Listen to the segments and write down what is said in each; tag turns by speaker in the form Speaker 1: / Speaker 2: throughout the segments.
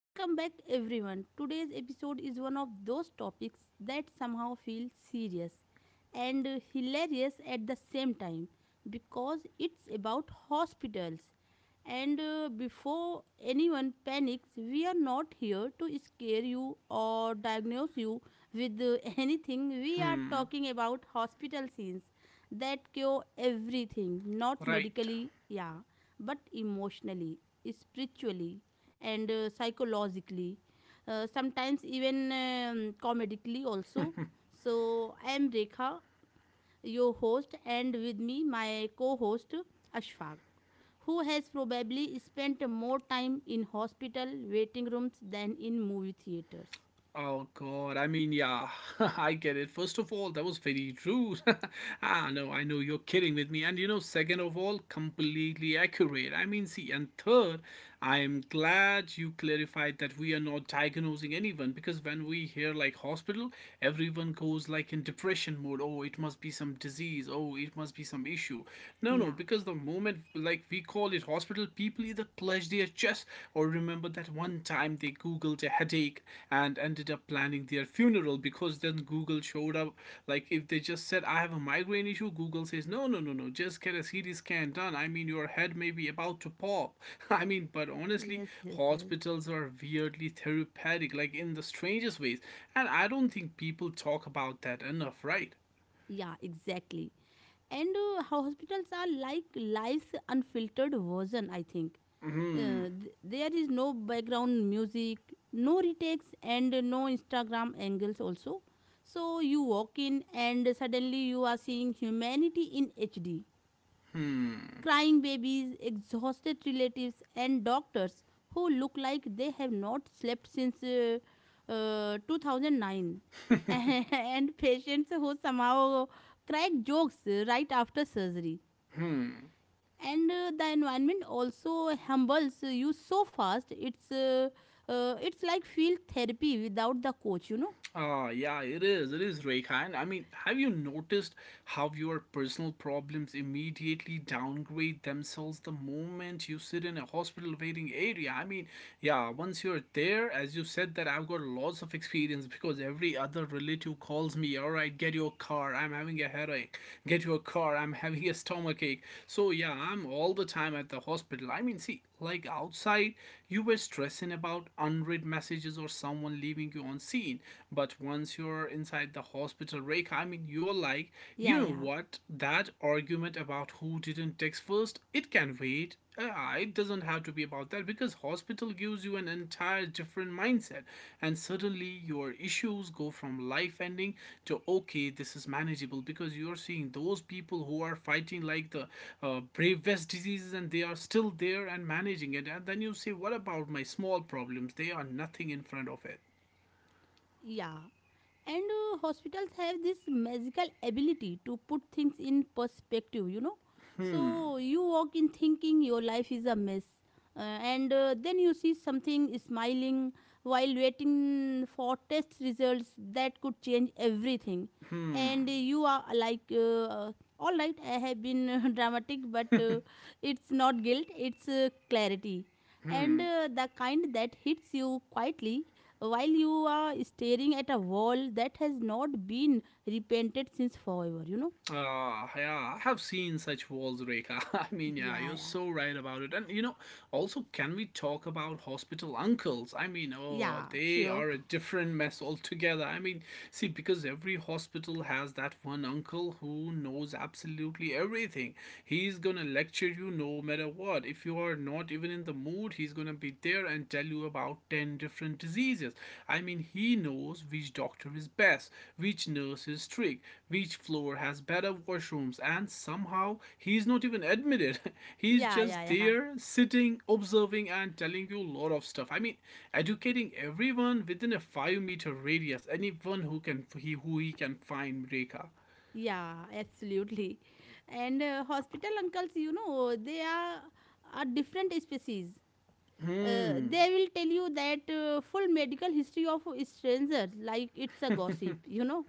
Speaker 1: Welcome back everyone. Today's episode is one of those topics that somehow feel serious and hilarious at the same time because it's about hospitals. And Before anyone panics, we are not here to scare you or diagnose you with anything. We are
Speaker 2: Hmm.
Speaker 1: talking about hospital scenes that cure everything, not
Speaker 2: Right.
Speaker 1: medically, yeah, but emotionally, spiritually, and psychologically, sometimes even comedically also. So I am Rekha, your host, and with me my co-host Ashfaq, who has probably spent more time in hospital waiting rooms than in movie theaters.
Speaker 2: Oh god. I mean, yeah. I get it. First of all, that was very rude. No. I know you're kidding with me. And second of all, completely accurate. I mean, see, and third, I am glad you clarified that we are not diagnosing anyone because when we hear like hospital, everyone goes like in depression mode. Oh, it must be some disease. Oh, it must be some issue. No, no,
Speaker 1: Yeah.
Speaker 2: because the moment like we call it hospital, people either clutch their chests or remember that one time they googled a headache and ended up planning their funeral because then Google showed up. Like if they just said, I have a migraine issue, Google says, no, no, no, no, just get a CT scan done. I mean, your head may be about to pop. I mean, but honestly,
Speaker 1: Yes, yes, yes.
Speaker 2: hospitals are weirdly therapeutic, like in the strangest ways. And I don't think people talk about that enough, right?
Speaker 1: Yeah, exactly. And Hospitals are like life's unfiltered version, I think. There is no background music, no retakes, and no Instagram angles also. So you walk in, and suddenly you are seeing humanity in HD. Crying babies, exhausted relatives, and doctors who look like they have not slept since 2009. And patients who somehow crack jokes right after surgery, and the environment also humbles you so fast it's like field therapy without the coach.
Speaker 2: Ah, yeah, it is. It is, Rekhan. I mean, have you noticed how your personal problems immediately downgrade themselves the moment you sit in a hospital waiting area? I mean, yeah, once you're there, as you said, that I've got lots of experience because every other relative calls me, all right, get your car, I'm having a headache, get your car, I'm having a stomach ache. So, yeah, I'm all the time at the hospital. I mean, see, like outside, you were stressing about unread messages or someone leaving you on scene. But once you're inside the hospital, Reka, I mean, you're like, you
Speaker 1: Yeah,
Speaker 2: know
Speaker 1: yeah,
Speaker 2: what? That argument about who didn't text first, it can wait. It doesn't have to be about that because hospital gives you an entire different mindset, and suddenly your issues go from life ending to okay, this is manageable because you're seeing those people who are fighting like the bravest diseases, and they are still there and managing it. And then you say, what about my small problems? They are nothing in front of it.
Speaker 1: yeah. and Hospitals have this magical ability to put things in perspective, you know. So you walk in thinking your life is a mess, uh, and then you see something smiling while waiting for test results that could change everything, and you are like, all right, I have been dramatic, but it's not guilt, it's clarity, and the kind that hits you quietly while you are staring at a wall that has not been repainted since forever, you know?
Speaker 2: Ah, yeah, I have seen such walls, Rekha. I mean, yeah,
Speaker 1: Yeah,
Speaker 2: you're
Speaker 1: yeah.
Speaker 2: so right about it. And also, can we talk about hospital uncles? I mean, oh,
Speaker 1: Yeah,
Speaker 2: they
Speaker 1: sure.
Speaker 2: are a different mess altogether. I mean, see, because every hospital has that one uncle who knows absolutely everything. He's gonna lecture you no matter what. If you are not even in the mood, he's gonna be there and tell you about 10 different diseases. I mean, he knows which doctor is best, which nurse is strict, each floor has better washrooms, and somehow he's not even admitted. He's
Speaker 1: Yeah, yeah,
Speaker 2: just
Speaker 1: yeah.
Speaker 2: there, sitting, observing, and telling you a lot of stuff. I mean, educating everyone within a 5-meter radius. Anyone who can he who he can find, Reka.
Speaker 1: Yeah, absolutely. And Hospital uncles, you know, they are a different species.
Speaker 2: Hmm.
Speaker 1: They will tell you that full medical history of strangers like it's a gossip, you know.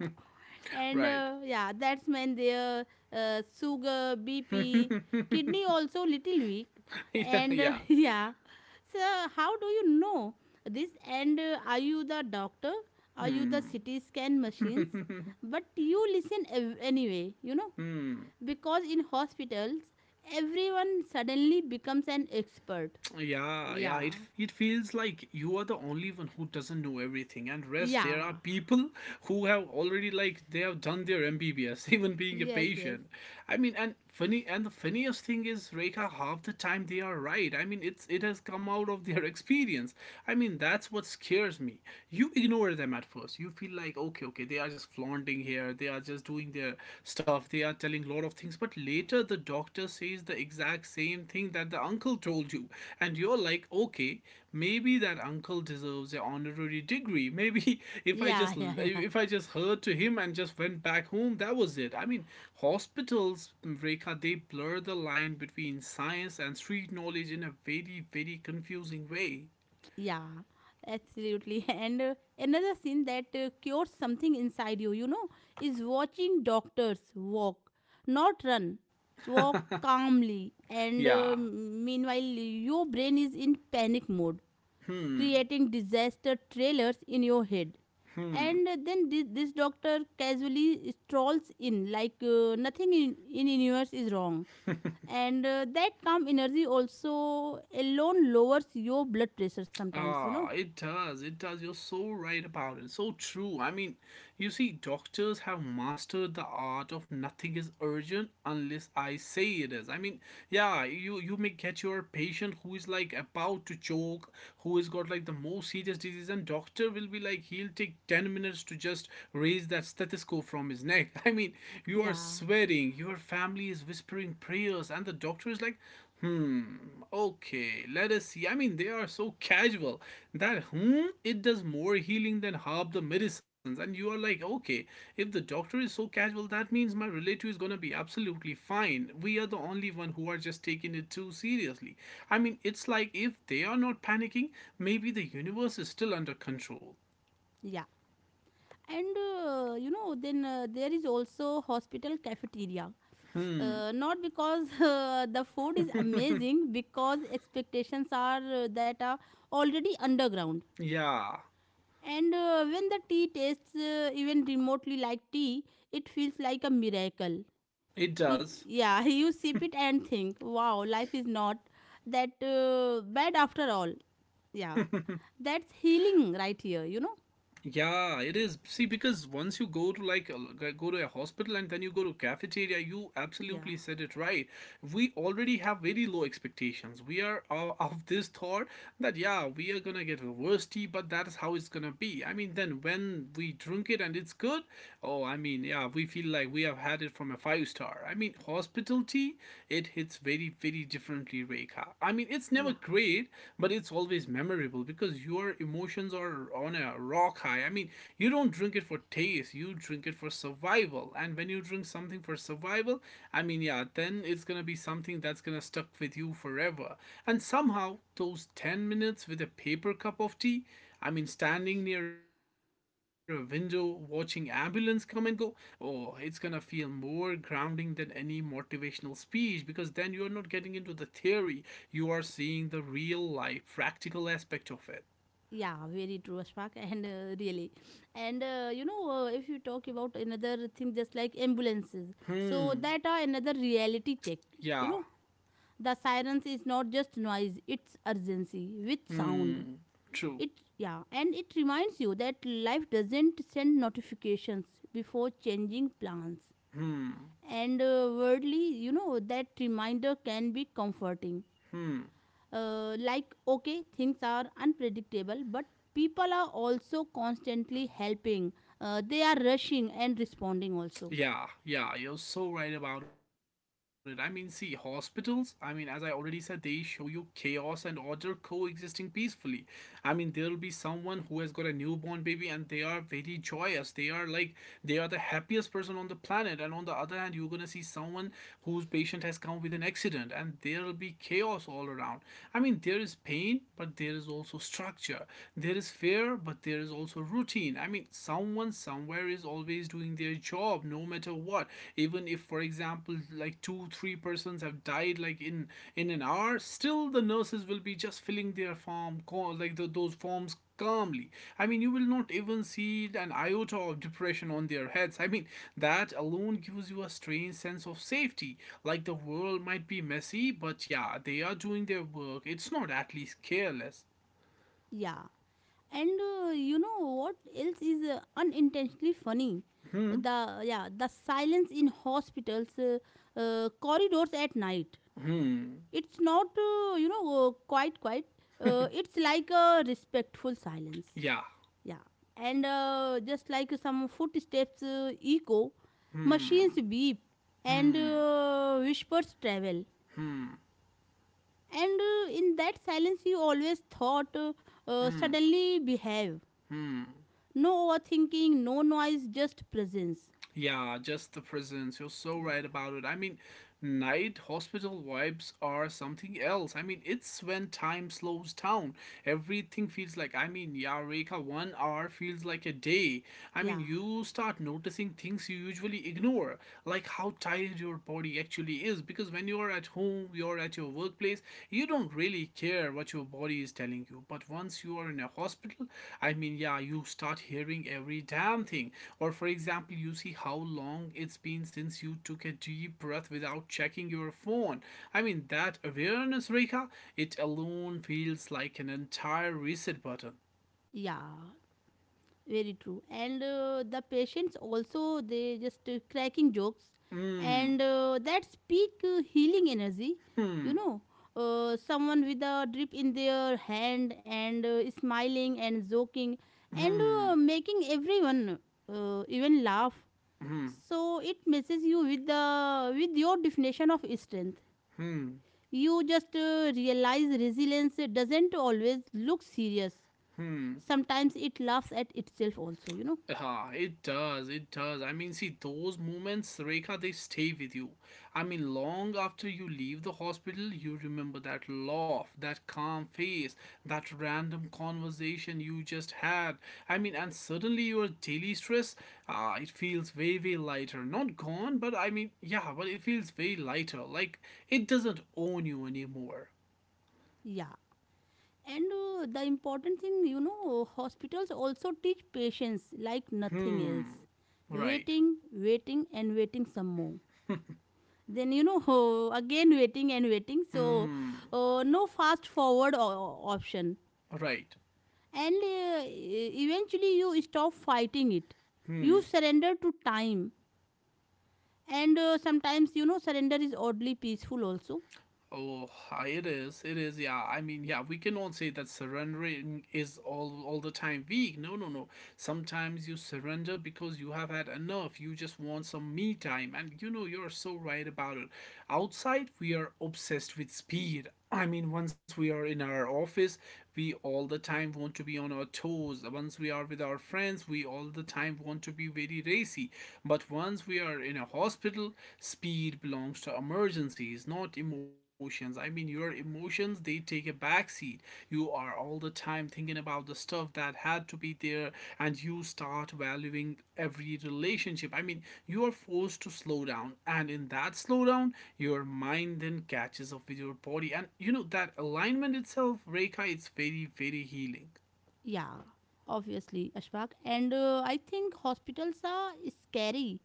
Speaker 1: And
Speaker 2: Right.
Speaker 1: Yeah, that's when their sugar, bp, kidney also little weak, and
Speaker 2: yeah.
Speaker 1: yeah. So how do you know this, and are you the doctor? Are you the ct scan machines? But you listen anyway, you know, because in hospitals everyone suddenly becomes an expert.
Speaker 2: Yeah, yeah,
Speaker 1: Yeah,
Speaker 2: it feels like you are the only one who doesn't know everything. And rest, there are
Speaker 1: yeah.
Speaker 2: people who have already like they have done their MBBS, even being a
Speaker 1: Yes, yes.
Speaker 2: patient. I mean, and funny and the funniest thing is, Rekha, half the time they are right. I mean, it's it has come out of their experience. I mean, that's what scares me. You ignore them at first. You feel like okay, okay, they are just flaunting here. They are just doing their stuff, they are telling a lot of things, but later the doctor says the exact same thing that the uncle told you, and you're like okay, maybe that uncle deserves an honorary degree. Maybe if i
Speaker 1: Yeah,
Speaker 2: just
Speaker 1: yeah, yeah.
Speaker 2: if i just heard to him and just went back home, that was it. I mean, hospitals, Rekha, they blur the line between science and street knowledge in a very very confusing way.
Speaker 1: Yeah, absolutely. And Another scene that cures something inside you, you know, is watching doctors walk, not run, walk calmly. And
Speaker 2: Yeah.
Speaker 1: Meanwhile, your brain is in panic mode, creating disaster trailers in your head. And then this doctor casually strolls in, like nothing in universe is wrong. And That calm energy also alone lowers your blood pressure sometimes, you know.
Speaker 2: Ah, it does. It does. You're so right about it. So true. I mean, you see, doctors have mastered the art of nothing is urgent unless I say it is. I mean, yeah, you may get your patient who is like about to choke, who has got like the most serious disease, and doctor will be like he'll take 10 minutes to just raise that stethoscope from his neck. I mean, you are
Speaker 1: Yeah,
Speaker 2: sweating, your family is whispering prayers, and the doctor is like, hmm, okay. Let us see. I mean, they are so casual that it does more healing than half the medicines. And you are like, okay, if the doctor is so casual, that means my relative is gonna be absolutely fine. We are the only one who are just taking it too seriously. I mean, it's like if they are not panicking, maybe the universe is still under control.
Speaker 1: yeah. And you know, then there is also hospital cafeteria. Not because the food is amazing, because expectations are that are already underground.
Speaker 2: Yeah,
Speaker 1: And When the tea tastes even remotely like tea, it feels like a miracle.
Speaker 2: it does.
Speaker 1: You sip it and think, wow, life is not that bad after all. Yeah, that's healing right here, you know?
Speaker 2: Yeah, it is. See, because once you go to like go to a hospital and then you go to cafeteria, you absolutely said
Speaker 1: Yeah,
Speaker 2: it right. We already have very low expectations. We are of, of this thought that yeah, we are gonna get the worst tea, but that is how it's gonna be. I mean, then when we drink it and it's good, oh, I mean, yeah, we feel like we have had it from a five star. I mean, hospital tea, it hits very very differently, Rekha. I mean, it's never
Speaker 1: yeah.
Speaker 2: great, but it's always memorable because your emotions or on a rock high. I mean, you don't drink it for taste, you drink it for survival. And when you drink something for survival, I mean, yeah, then it's gonna be something that's gonna stuck with you forever. And somehow, those 10 minutes with a paper cup of tea, I mean, standing near a window watching ambulance come and go, oh, it's gonna feel more grounding than any motivational speech because then you're not getting into the theory, you are seeing the real life, practical aspect of it.
Speaker 1: Yeah, very true, Ashfaq, and really, and you know, if you talk about another thing, just like ambulances, so
Speaker 2: Hmm.
Speaker 1: that are another reality check. You
Speaker 2: Yeah,
Speaker 1: know, the sirens is not just noise; it's urgency with sound.
Speaker 2: true.
Speaker 1: It yeah, and it reminds you that life doesn't send notifications before changing plans. And worldly, you know, that reminder can be comforting, like okay, things are unpredictable, but people are also constantly helping, they are rushing and responding also.
Speaker 2: Yeah, yeah, you're so right about it. I mean, see, hospitals, I mean, as I already said, they show you chaos and order coexisting peacefully. I mean, there'll be someone who has got a newborn baby and they are very joyous. They are like, they are the happiest person on the planet. And on the other hand, you're gonna see someone whose patient has come with an accident, and there'll be chaos all around. I mean, there is pain, but there is also structure. There is fear, but there is also routine. I mean, someone somewhere is always doing their job, no matter what. Even if, for example, like two, three persons have died, like in an hour, still the nurses will be just filling their form, like those forms calmly. I mean, you will not even see an iota of depression on their heads. I mean, that alone gives you a strange sense of safety. Like the world might be messy, but yeah, they are doing their work. It's not at least careless.
Speaker 1: Yeah. and You know what else is unintentionally funny? The yeah the silence in hospitals, corridors at night, it's not, you know, quite quite it's like a respectful silence.
Speaker 2: Yeah.
Speaker 1: Yeah, and just like some footsteps echo, machines beep, and whispers travel. And in that silence, you always thought, suddenly behave. No overthinking, no noise, just presence.
Speaker 2: Yeah, just the prisons. You're so
Speaker 1: Yeah,
Speaker 2: right about it. I mean, night hospital vibes are something else. I mean, it's when time slows down. Everything feels like, I mean, yeah, Reka. One hour feels like a day. I mean,
Speaker 1: yeah,
Speaker 2: you start noticing things you usually ignore, like how tired your body actually is. Because when you are at home, your or at your workplace, you don't really care what your body is telling you. But once you are in a hospital, I mean, yeah, you start hearing every damn thing. Or, for example, you see how long it's been since you took a deep breath without checking your phone. I mean, that awareness, Rekha, it alone feels like an entire reset button.
Speaker 1: yeah. Very true, and the patients also, they just cracking jokes,
Speaker 2: Hmm.
Speaker 1: and that's peak healing energy, you know. Someone with a drip in their hand and smiling and joking and making everyone even laugh, so it messes you with the with your definition of strength. You just realize resilience doesn't always look serious, sometimes it laughs at itself also, you know.
Speaker 2: Ah, it does, it does. I mean, see, those moments, Rekha, they stay with you. I mean, long after you leave the hospital, you remember that laugh, that calm face, that random conversation you just had. I mean, and suddenly your daily stress, ah, it feels way, way lighter. Not gone, but I mean, yeah, but it feels way lighter. Like, it doesn't own you anymore.
Speaker 1: Yeah. And The important thing, you know, hospitals also teach patients like nothing
Speaker 2: Hmm,
Speaker 1: else.
Speaker 2: right,
Speaker 1: Waiting, waiting, and waiting some more. Then, you know, again waiting and waiting. So, no fast forward option.
Speaker 2: right.
Speaker 1: And eventually, you stop fighting it. You surrender to time. And sometimes, you know, surrender is oddly peaceful also.
Speaker 2: Oh, hi, it is. It is. Yeah. I mean, yeah, we cannot say that surrendering is all the time weak. No, no, no. Sometimes you surrender because you have had enough. You just want some me time. And you're so right about it. Outside, we are obsessed with speed. I mean, once we are in our office, we all the time want to be on our toes. Once we are with our friends, we all the time want to be very racy. But once we are in a hospital, speed belongs to emergencies, not emotions. I mean, your emotions, they take a backseat. You are all the time I'm thinking about the stuff that had to be there, and you start valuing every relationship. I mean, you are forced to slow down, and in that slowdown, your mind then catches up with your body. And you know, that alignment itself, Reika, it's very, very healing.
Speaker 1: Yeah, obviously, Ashfaq. And I think hospitals are scary.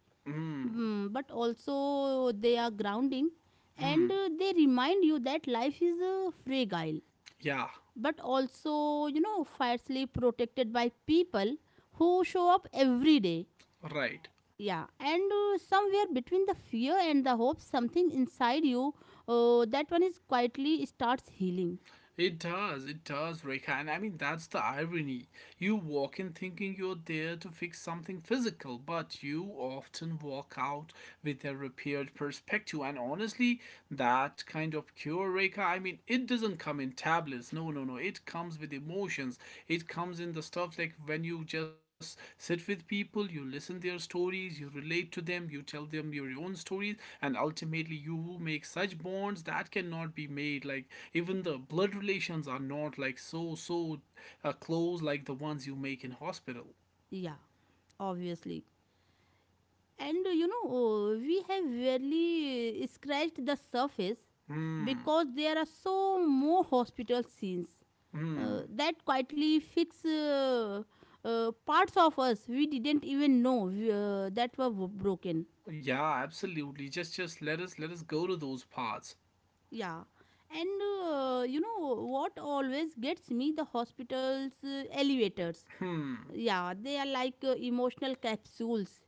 Speaker 1: Mm, but also they are grounding, and they remind you that life is fragile,
Speaker 2: Yeah,
Speaker 1: but also, you know, fiercely protected by people who show up every day.
Speaker 2: right.
Speaker 1: Yeah, and somewhere between the fear and the hope, something inside you, that one is quietly starts healing.
Speaker 2: It does, Rekha. And I mean, that's the irony. You walk in thinking you're there to fix something physical, but you often walk out with a repaired perspective. And honestly, that kind of cure, Rekha, I mean, it doesn't come in tablets. No, no, no. It comes with emotions, it comes in the stuff like when you just sit with people, you listen their stories, you relate to them, you tell them your own stories. And ultimately you make such bonds that cannot be made, like even the blood relations are not like close like the ones you make in hospital.
Speaker 1: Yeah, obviously. And we have barely scratched the surface,
Speaker 2: Mm,
Speaker 1: because there are so more hospital scenes that quietly fix, parts of us we didn't even know that were broken.
Speaker 2: yeah, absolutely. Just let us go to those parts.
Speaker 1: Yeah. And you know what always gets me? The hospital's elevators. Yeah, they are like emotional capsules.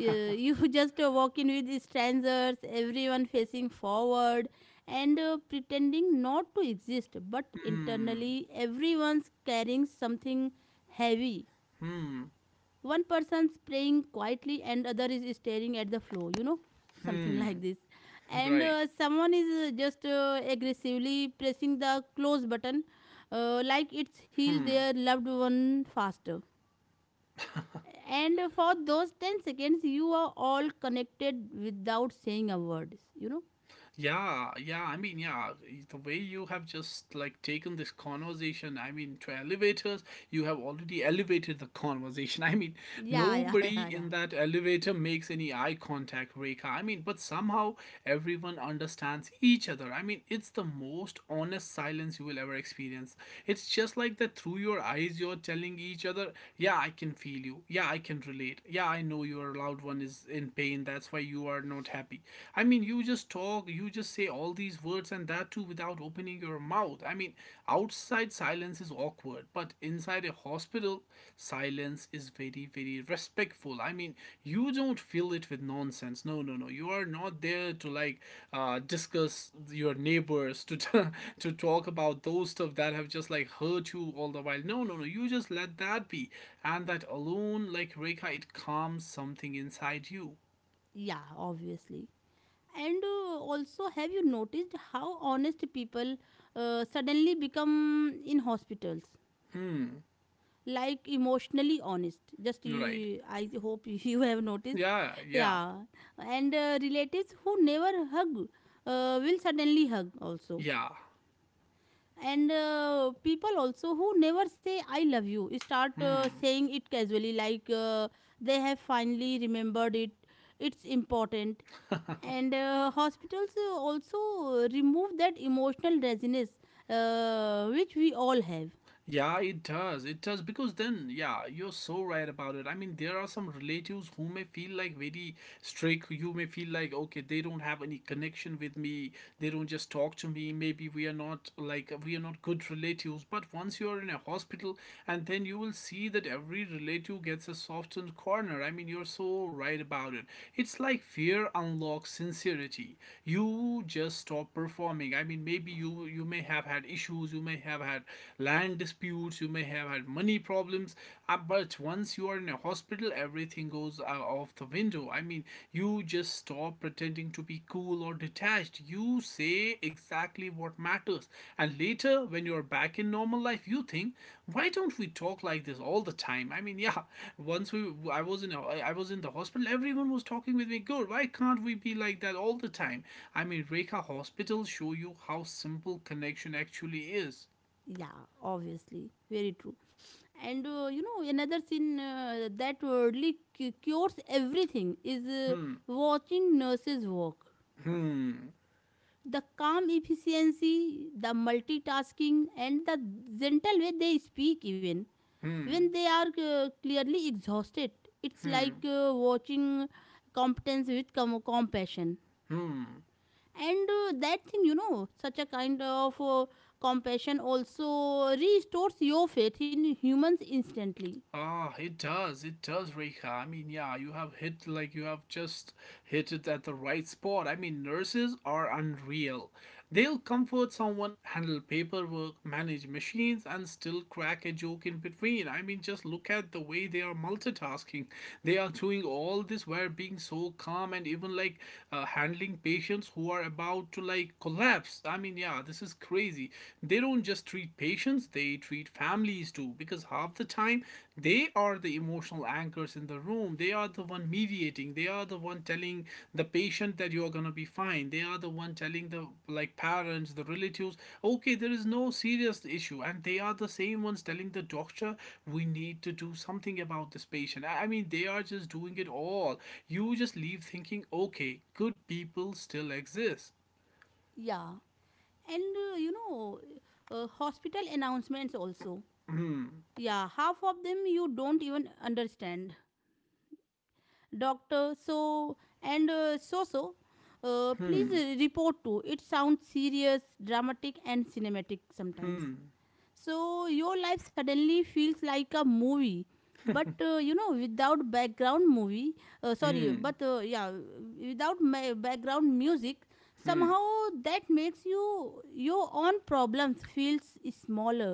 Speaker 1: You just walk in with strangers, everyone facing forward, and pretending not to exist, but internally everyone's carrying something heavy. One person's praying quietly and other is staring at the floor, you know, something like this. And
Speaker 2: Right.
Speaker 1: someone is, just aggressively pressing the close button, like it's healed their loved one faster, and for those 10 seconds you are all connected without saying a word, you know.
Speaker 2: Yeah, yeah. I mean, yeah, the way you have just like taken this conversation, I mean, to elevators, you have already elevated the conversation. I mean,
Speaker 1: Yeah, yeah,
Speaker 2: nobody
Speaker 1: yeah,
Speaker 2: in
Speaker 1: yeah.
Speaker 2: that elevator makes any eye contact, Rekha. I mean, but somehow everyone understands each other. I mean, it's the most honest silence you will ever experience. It's just like that through your eyes, you're telling each other, yeah, I can feel you. Yeah, I can relate. Yeah, I know your loud one is in pain. That's why you are not happy. I mean, you just talk, you just say all these words, and that too without opening your mouth. I mean, outside silence is awkward, but inside a hospital, silence is very, very respectful. I mean, you don't fill it with nonsense. No, no, no. You are not there to like discuss your neighbors, to, to talk about those stuff that have just like hurt you all the while. No, no, no. You just let that be. And that alone, like Rekha, it calms something inside you.
Speaker 1: Yeah, obviously. And also, have you noticed how honest people suddenly become in hospitals, like emotionally honest? Just
Speaker 2: Right.
Speaker 1: you, I hope, you have noticed.
Speaker 2: Yeah, yeah,
Speaker 1: Yeah, and relatives who never hug will suddenly hug also.
Speaker 2: yeah.
Speaker 1: And people also who never say I love you start saying it casually, like they have finally remembered it, it's important. And hospitals also remove that emotional resonance, which we all have.
Speaker 2: Yeah, it does. It does because then, yeah, you're so right about it. I mean, there are some relatives who may feel like very strict. You may feel like, okay, they don't have any connection with me. They don't just talk to me. Maybe we are not like, we are not good relatives. But once you are in a hospital, and then you will see that every relative gets a softened corner. I mean, you're so right about it. It's like fear unlocks sincerity. You just stop performing. I mean, maybe you, you may have had issues. You may have had land disputes, you may have had money problems. But once you are in a hospital, everything goes off the window. I mean, you just stop pretending to be cool or detached. You say exactly what matters. And later, when you're back in normal life, you think, why don't we talk like this all the time? I mean, yeah, once we, I was in, a, I was in the hospital, everyone was talking with me. Good. Why can't we be like that all the time? I mean, Rekha, Hospital show you how simple connection actually is.
Speaker 1: Yeah, obviously, very true. And you know, another scene that worldly cures everything is
Speaker 2: Hmm.
Speaker 1: watching nurses work,
Speaker 2: Hmm,
Speaker 1: the calm efficiency, the multitasking, and the gentle way they speak even when
Speaker 2: hmm,
Speaker 1: they are clearly exhausted. It's like watching competence with compassion.
Speaker 2: hmm.
Speaker 1: And that thing, you know, such a kind of compassion also restores your faith in humans instantly.
Speaker 2: Ah, it does, Rekha. I mean, yeah, you have hit, like you have just hit it at the right spot. I mean, nurses are unreal. They'll comfort someone, handle paperwork, manage machines, and still crack a joke in between. I mean, just look at the way they are multitasking. They are doing all this while being so calm and even like handling patients who are about to like collapse. I mean, yeah, this is crazy. They don't just treat patients, they treat families too, because half the time they are the emotional anchors in the room. They are the one mediating, they are the one telling the patient that you're going to be fine. They are the one telling the like parents, the relatives, okay, there is no serious issue. And they are the same ones telling the doctor, we need to do something about this patient. I mean, they are just doing it all. You just leave thinking, okay, good people still exist.
Speaker 1: Yeah. And hospital announcements also,
Speaker 2: Hmm,
Speaker 1: yeah, half of them you don't even understand. Doctor so and so, please
Speaker 2: hmm,
Speaker 1: report to, it sounds serious, dramatic, and cinematic sometimes.
Speaker 2: hmm,
Speaker 1: So your life suddenly feels like a movie. But you know, without background movie, sorry,
Speaker 2: hmm.
Speaker 1: but yeah, without background music, somehow that makes you your own problems feels smaller.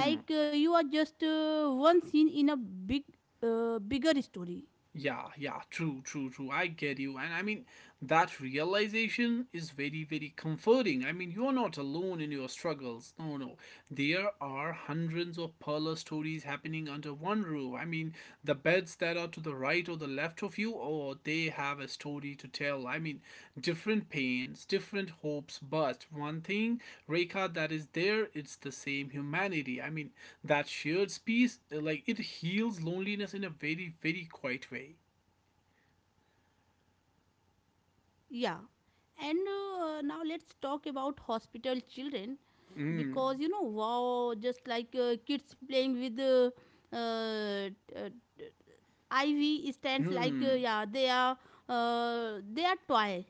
Speaker 1: Like you are just one scene in a big, bigger story.
Speaker 2: Yeah, yeah, true, true, true. I get you. And I mean, that realization is very, very comforting. I mean, you're not alone in your struggles. No, no. There are hundreds of parlor stories happening under one roof. I mean, the beds that are to the right or the left of you, or they have a story to tell. I mean, different pains, different hopes, but one thing, Reka, that is there, it's the same humanity. I mean, that shared space, like, it heals loneliness in a very, very quiet way.
Speaker 1: Yeah. And now let's talk about hospital children,
Speaker 2: Mm,
Speaker 1: because you know, wow, just like kids playing with uh, IV stands, like,
Speaker 2: hmm.
Speaker 1: yeah, they are toy,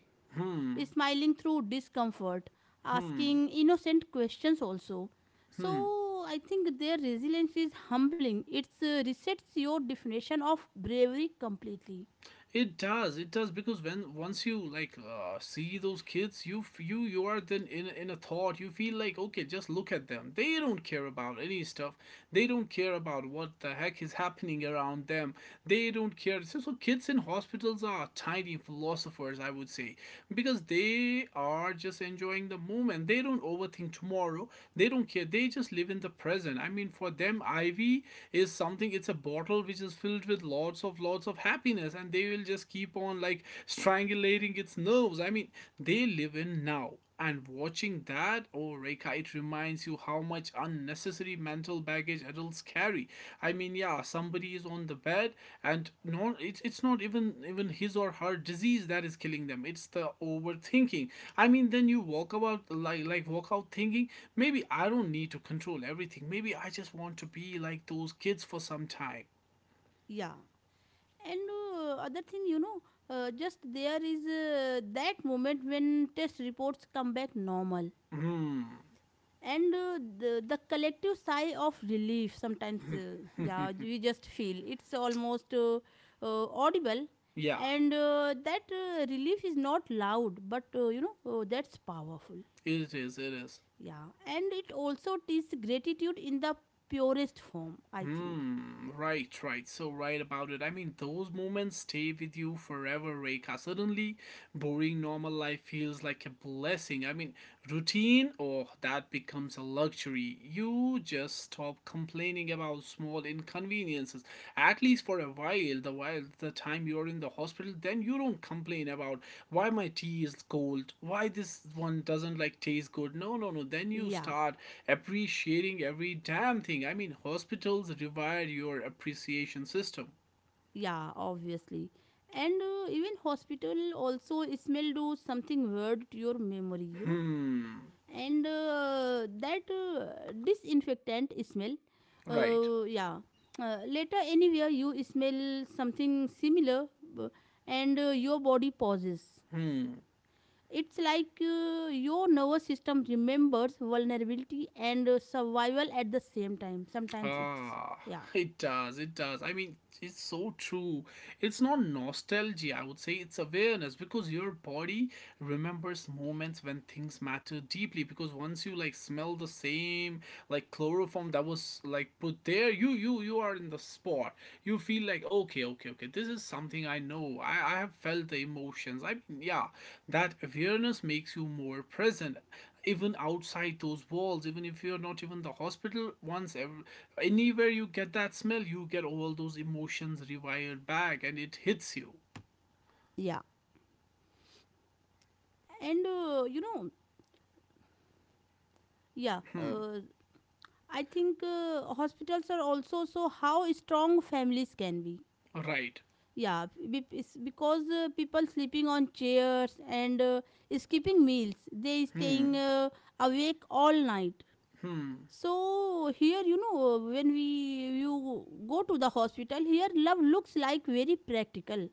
Speaker 1: smiling through discomfort, asking innocent questions also. So I think their resilience is humbling. It resets your definition of bravery completely.
Speaker 2: It does. It does because when once you like see those kids, you you you are then in a thought. You feel like, okay, just look at them. They don't care about any stuff. They don't care about what the heck is happening around them. They don't care. So, so kids in hospitals are tiny philosophers, I would say, because they are just enjoying the moment. They don't overthink tomorrow. They don't care. They just live in the present. I mean, for them, IV is something. It's a bottle which is filled with lots of lots of happiness, and they will just keep on like strangulating its nerves. I mean, they live in now. And watching that, oh Reka, it reminds you how much unnecessary mental baggage adults carry. I mean, yeah, somebody is on the bed, and no, it's not even his or her disease that is killing them. It's the overthinking. I mean, then you walk about like walk out thinking, maybe I don't need to control everything. Maybe I just want to be like those kids for some time.
Speaker 1: Yeah. And other thing, you know, just there is that moment when test reports come back normal,
Speaker 2: Hmm.
Speaker 1: and the collective sigh of relief sometimes, yeah, we just feel it's almost audible.
Speaker 2: Yeah,
Speaker 1: And that relief is not loud, but you know, that's powerful.
Speaker 2: it is, it is.
Speaker 1: Yeah, and it also teaches gratitude in the purest form, I think.
Speaker 2: Hmm, right, right. So right about it. I mean, those moments stay with you forever, Reika. Suddenly, boring normal life feels like a blessing. I mean, routine, oh, that becomes a luxury. You just stop complaining about small inconveniences, at least for a while, the while the time you're in the hospital. Then you don't complain about why my tea is cold, why this one doesn't like taste good. No, no, no. Then you
Speaker 1: Yeah.
Speaker 2: start appreciating every damn thing. I mean, hospitals revive your appreciation system.
Speaker 1: Yeah, obviously. And even hospital also smell do something weird to your memory, you know.
Speaker 2: Hmm,
Speaker 1: And that disinfectant smell,
Speaker 2: right.
Speaker 1: yeah. Later, anywhere you smell something similar, b- and your body pauses.
Speaker 2: Hmm.
Speaker 1: It's like your nervous system remembers vulnerability and survival at the same time. Sometimes it's
Speaker 2: Ah,
Speaker 1: yeah,
Speaker 2: it does. It does. I mean, it's so true. It's not nostalgia, I would say. It's awareness, because your body remembers moments when things matter deeply. Because once you like smell the same like chloroform that was like put there, you you are in the spot. You feel like, okay, okay, okay. This is something I know. I have felt the emotions. I mean, yeah, that awareness makes you more present, even outside those walls. Even if you're not even the hospital once ever, anywhere you get that smell, you get all those emotions rewired back, and it hits you.
Speaker 1: yeah, and, you know, yeah. Uh, I think hospitals are also so how strong families can be.
Speaker 2: Right.
Speaker 1: Yeah, it's because people sleeping on chairs, and skipping meals, they staying awake all night. So here, you know, when we you go to the hospital, here love looks like very practical,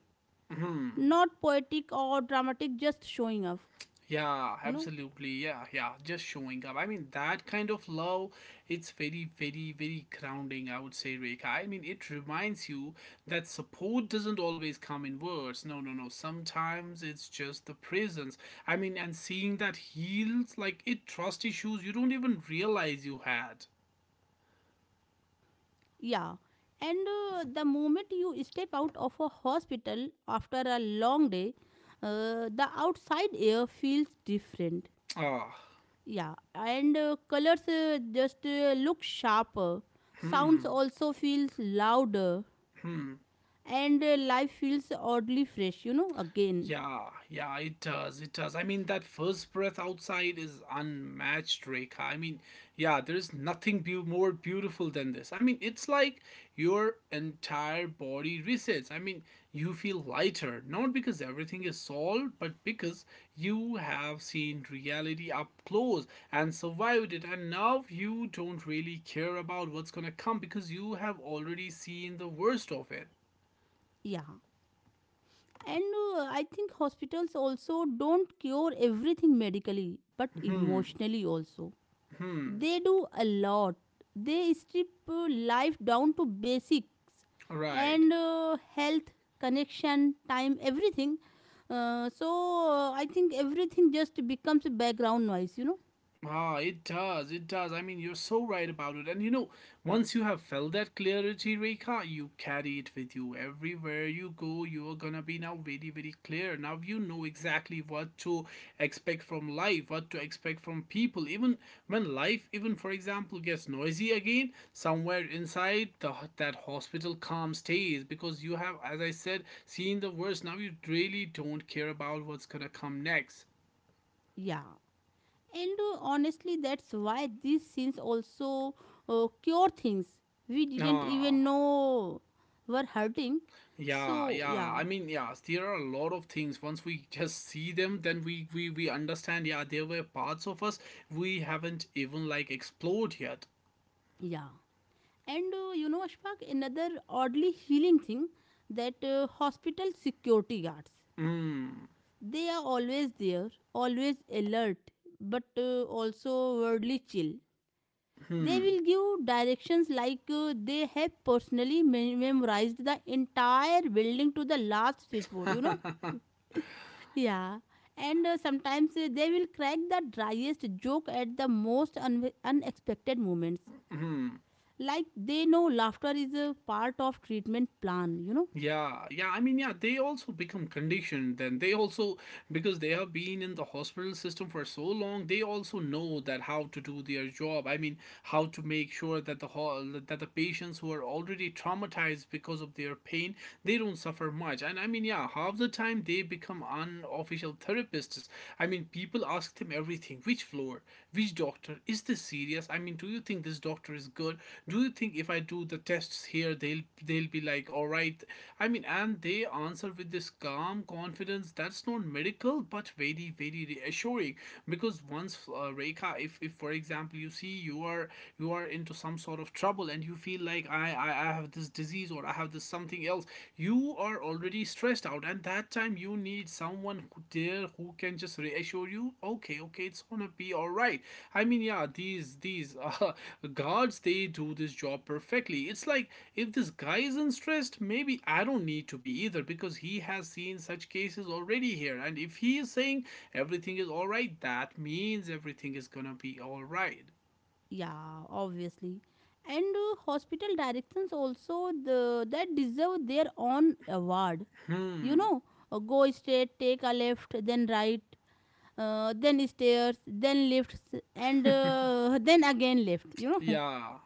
Speaker 1: not poetic or dramatic, just showing off.
Speaker 2: Yeah,
Speaker 1: You know.
Speaker 2: absolutely. Yeah, yeah. Just showing up. I mean, that kind of love, it's very, very, very grounding, I would say, Rekha. I mean, it reminds you that support doesn't always come in words. No, no, no. Sometimes it's just the presence. I mean, and seeing that heals, like, it trust issues you don't even realize you had.
Speaker 1: Yeah, and the moment you step out of a hospital after a long day, the outside air feels different.
Speaker 2: Ah.
Speaker 1: Yeah, and colors just look sharper. Sounds also feels louder, and life feels oddly fresh. You know, again.
Speaker 2: Yeah, yeah, it does. It does. I mean, that first breath outside is unmatched, Rekha. I mean, yeah, there's nothing beau, more beautiful than this. I mean, it's like your entire body resets. I mean, you feel lighter, not because everything is solved, but because you have seen reality up close and survived it. And now you don't really care about what's gonna come, because you have already seen the worst of it.
Speaker 1: Yeah, and I think hospitals also don't cure everything medically, but
Speaker 2: Hmm,
Speaker 1: emotionally also.
Speaker 2: hmm.
Speaker 1: They do a lot. They strip life down to basics
Speaker 2: Right.
Speaker 1: and health, connection, time, everything. So I think everything just becomes background noise, you know?
Speaker 2: Ah, it does. It does. I mean, you're so right about it. And you know, once you have felt that clarity, Rekha, you carry it with you everywhere you go. You are gonna be now very, very clear. Now you know exactly what to expect from life, what to expect from people. Even when life, even for example, gets noisy again, somewhere inside the, that hospital calm stays, because you have, as I said, seen the worst. Now you really don't care about what's gonna come next.
Speaker 1: Yeah. And honestly, that's why these scenes also cure things we didn't even
Speaker 2: Ah.
Speaker 1: know were hurting.
Speaker 2: Yeah,
Speaker 1: So,
Speaker 2: yeah.
Speaker 1: yeah,
Speaker 2: I mean, yeah, there are a lot of things. Once we just see them, then we understand, yeah, there were parts of us we haven't even like explored yet.
Speaker 1: yeah. And you know, Ashfaq, another oddly healing thing that hospital security guards, they are always there, always alert, but also worldly chill. They
Speaker 2: Hmm.
Speaker 1: will give directions like they have personally memorized the entire building to the last switchboard, you know? Yeah. And sometimes they will crack the driest joke at the most unexpected moments like they know laughter is a part of treatment plan, you know
Speaker 2: Yeah, yeah. I mean, yeah, they also become conditioned. Then they also, because they have been in the hospital system for so long, they also know that how to do their job. I mean, how to make sure that the patients who are already traumatized because of their pain, they don't suffer much. And I mean, yeah, half the time they become unofficial therapists. I mean, people ask them everything: which floor, which doctor? Is this serious? I mean, do you think this doctor is good? Do you think if I do the tests here, they'll be like, all right? I mean, and they answer with this calm confidence that's not medical, but very very reassuring. Because once Rekha, if for example you see you are into some sort of trouble and you feel like I have this disease or I have this something else, you are already stressed out and that time you need someone who there who can just reassure you, okay, okay, it's gonna be all right. I mean, yeah, these guards, they do this job perfectly. It's like if this guy isn't stressed, maybe I don't need to be either because he has seen such cases already here, and if he is saying everything is all right, that means everything is gonna be all right.
Speaker 1: yeah Obviously. And hospital directions also that deserve their own award, you know. Go straight, take a left, then right, then stairs, then lifts, and then again left, you know.
Speaker 2: Yeah.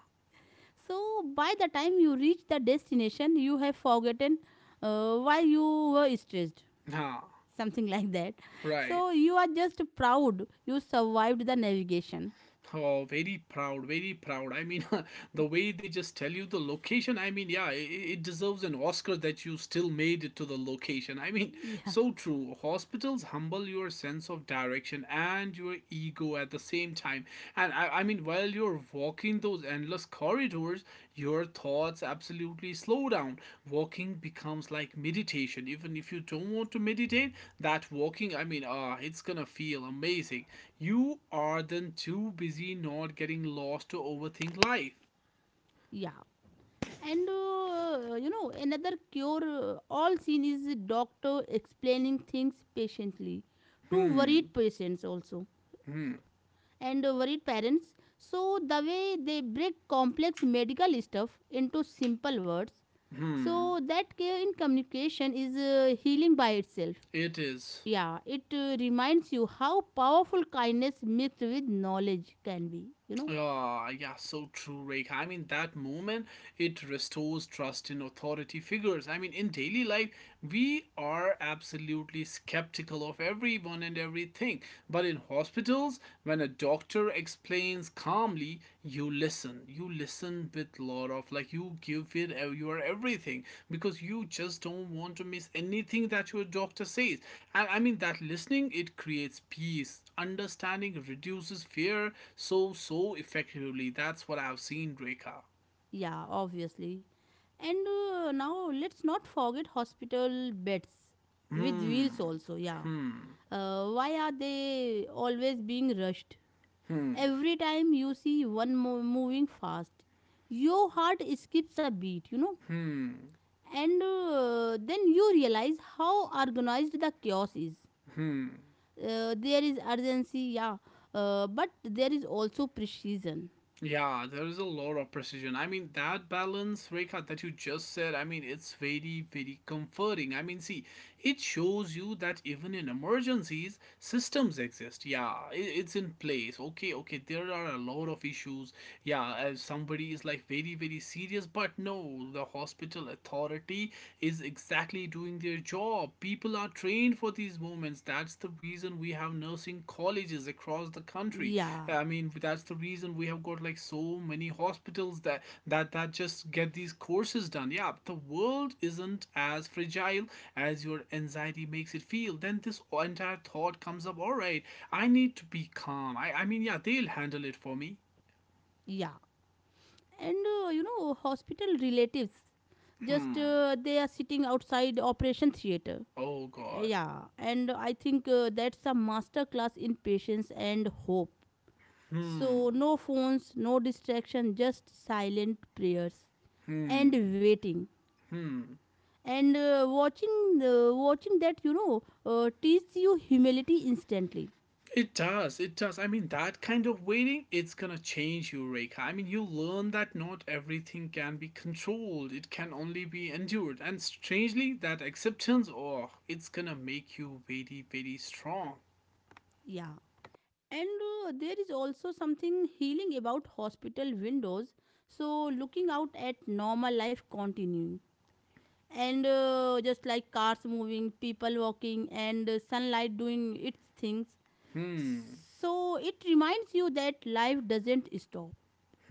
Speaker 1: So by the time you reach the destination, you have forgotten why you were stressed,
Speaker 2: Huh.
Speaker 1: something like that.
Speaker 2: Right.
Speaker 1: So you are just proud you survived the navigation.
Speaker 2: Oh, very proud, very proud. I mean, the way they just tell you the location, I mean, yeah, it deserves an Oscar that you still made it to the location. I mean,
Speaker 1: Yeah,
Speaker 2: so true. Hospitals humble your sense of direction and your ego at the same time. And I mean, while you're walking those endless corridors, your thoughts absolutely slow down. Walking becomes like meditation. Even if you don't want to meditate, that walking, I mean, it's gonna feel amazing. You are then too busy not getting lost to overthink life.
Speaker 1: yeah. And you know, another cure all seen is doctor explaining things patiently to
Speaker 2: Hmm,
Speaker 1: worried patients also and worried parents. So the way they break complex medical stuff into simple words, so that care in communication is healing by itself.
Speaker 2: it is.
Speaker 1: Yeah, it reminds you how powerful kindness mixed with knowledge can be, you know.
Speaker 2: Ah, yeah, so true, Rekha. I mean, that moment, it restores trust in authority figures. I mean, in daily life, we are absolutely skeptical of everyone and everything. But in hospitals, when a doctor explains calmly, you listen with lot of like you give it your everything because you just don't want to miss anything that your doctor says. And I mean, that listening, it creates peace, understanding, reduces fear so effectively. That's what I've seen, Reka.
Speaker 1: Yeah, obviously. And now let's not forget hospital beds with wheels also. Yeah. Why are they always being rushed? Every time you see one moving fast, your heart skips a beat, you know. And then you realize how organized the chaos is. There is urgency, yeah, but there is also precision.
Speaker 2: Yeah, there is a lot of precision. I mean, that balance, Rekha, that you just said, I mean, it's very, very comforting. I mean, see, it shows you that even in emergencies, systems exist. Yeah, it's in place. Okay, okay, there are a lot of issues. Yeah, if somebody is like very, very serious, but no, the hospital authority is exactly doing their job. Oh, people are trained for these moments. That's the reason we have nursing colleges across the country.
Speaker 1: Yeah,
Speaker 2: Yeah, I mean, that's the reason we have got like so many hospitals that that just get these courses done. Yeah, the world isn't as fragile as your anxiety makes it feel. Then this entire thought comes up. All right, I need to be calm. I mean, yeah, they'll handle it for me.
Speaker 1: yeah. And you know, hospital relatives, just they are sitting outside operation theater.
Speaker 2: Oh God.
Speaker 1: Yeah and I think that's a master class in patience and hope. So
Speaker 2: Hmm.
Speaker 1: no phones, no distraction, just silent prayers and waiting and watching that, you know, teach you humility instantly.
Speaker 2: It does. It does. I mean, that kind of waiting, it's gonna change you, Reika. I mean, you learn that not everything can be controlled. It can only be endured. And strangely, that acceptance, oh, it's gonna make you very, very strong.
Speaker 1: Yeah. And there is also something healing about hospital windows. So, looking out at normal life continuing. And just like cars moving, people walking, and sunlight doing its things.
Speaker 2: Hmm.
Speaker 1: So, it reminds you that life doesn't stop,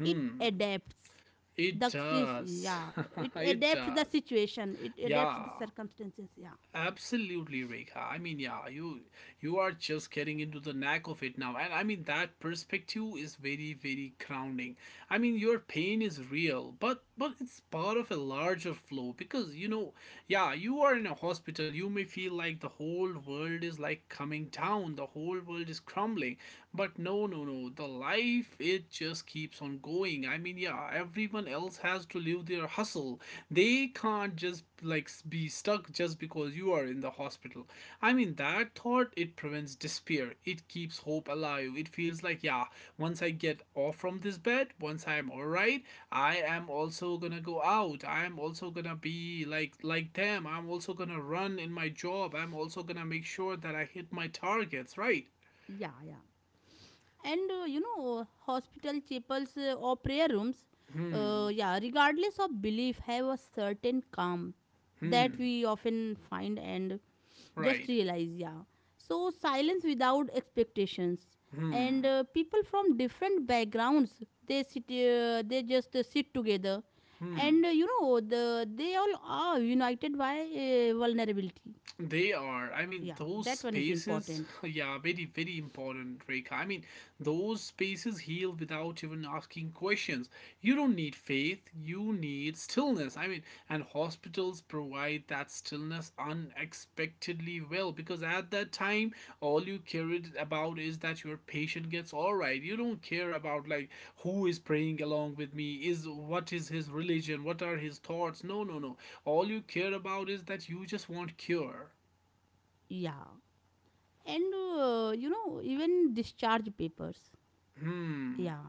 Speaker 1: it adapts.
Speaker 2: It does.
Speaker 1: Yeah, it
Speaker 2: It
Speaker 1: adapts the
Speaker 2: does.
Speaker 1: situation, it adapts the
Speaker 2: Yeah.
Speaker 1: circumstances. Yeah,
Speaker 2: Absolutely, Rekha. I mean, yeah, you are just getting into the knack of it now, and I mean that perspective is very, very grounding. I mean, your pain is real, but it's part of a larger flow because you know, yeah, you are in a hospital. You may feel like the whole world is like coming down, the whole world is crumbling, but no, no, no. The life, it just keeps on going. I mean, yeah, everyone else has to live their hustle. They can't just like be stuck just because you are in the hospital. I mean, that thought, it prevents despair, it keeps hope alive. It feels like, yeah, once I get off from this bed, once I'm all right, I am also gonna go out, I am also gonna be like them, I'm also gonna run in my job, I'm also gonna make sure that I hit my targets, right?
Speaker 1: yeah, yeah. And you know, hospital chapels or prayer rooms,
Speaker 2: Hmm.
Speaker 1: yeah, regardless of belief, have a certain calm that
Speaker 2: Hmm.
Speaker 1: we often find and just
Speaker 2: Right.
Speaker 1: realize. Yeah, so silence without expectations, and people from different backgrounds, they just sit together,
Speaker 2: Hmm.
Speaker 1: and you know, they all are united by vulnerability.
Speaker 2: They are. I mean,
Speaker 1: Yeah,
Speaker 2: those
Speaker 1: that one is
Speaker 2: spaces,
Speaker 1: important.
Speaker 2: yeah, very, very important, Rekha. I mean, those spaces heal without even asking questions. You don't need faith, you need stillness. I mean, and hospitals provide that stillness unexpectedly well, because at that time all you cared about is that your patient gets all right. You don't care about like who is praying along with me, is what is his religion, what are his thoughts. No, no, no. All you care about is that you just want cure.
Speaker 1: Yeah, and you know, even discharge papers,
Speaker 2: Hmm.
Speaker 1: yeah,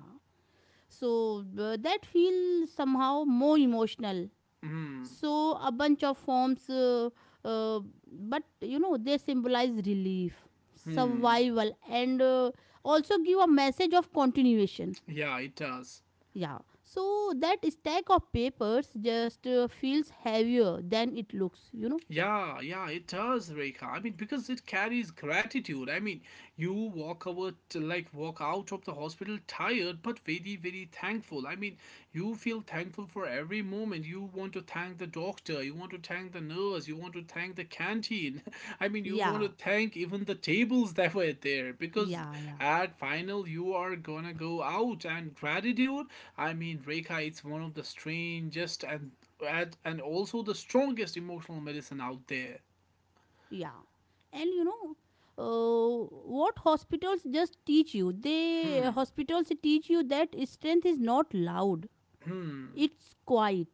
Speaker 1: that feel somehow more emotional.
Speaker 2: Hmm.
Speaker 1: So a bunch of forms, uh, but you know they symbolize relief,
Speaker 2: Hmm.
Speaker 1: survival, and also give a message of continuation.
Speaker 2: Yeah, it does.
Speaker 1: Yeah, so that stack of papers just feels heavier than it looks, you know.
Speaker 2: Yeah, yeah, it does, Rekha. I mean, because it carries gratitude. I mean, you walk out, like walk out of the hospital tired, but very, very thankful. I mean, you feel thankful for every moment. You want to thank the doctor. You want to thank the nurse. You want to thank the canteen. I mean, you want to
Speaker 1: Yeah,
Speaker 2: thank even the tables that were there because
Speaker 1: yeah, yeah.
Speaker 2: at final you are gonna go out and gratitude. I mean, Rekha, it's one of the strangest and also the strongest emotional medicine out there.
Speaker 1: Yeah. And you know, what hospitals just teach you? They
Speaker 2: Hmm,
Speaker 1: Hospitals teach you that strength is not loud.
Speaker 2: hmm,
Speaker 1: It's quiet,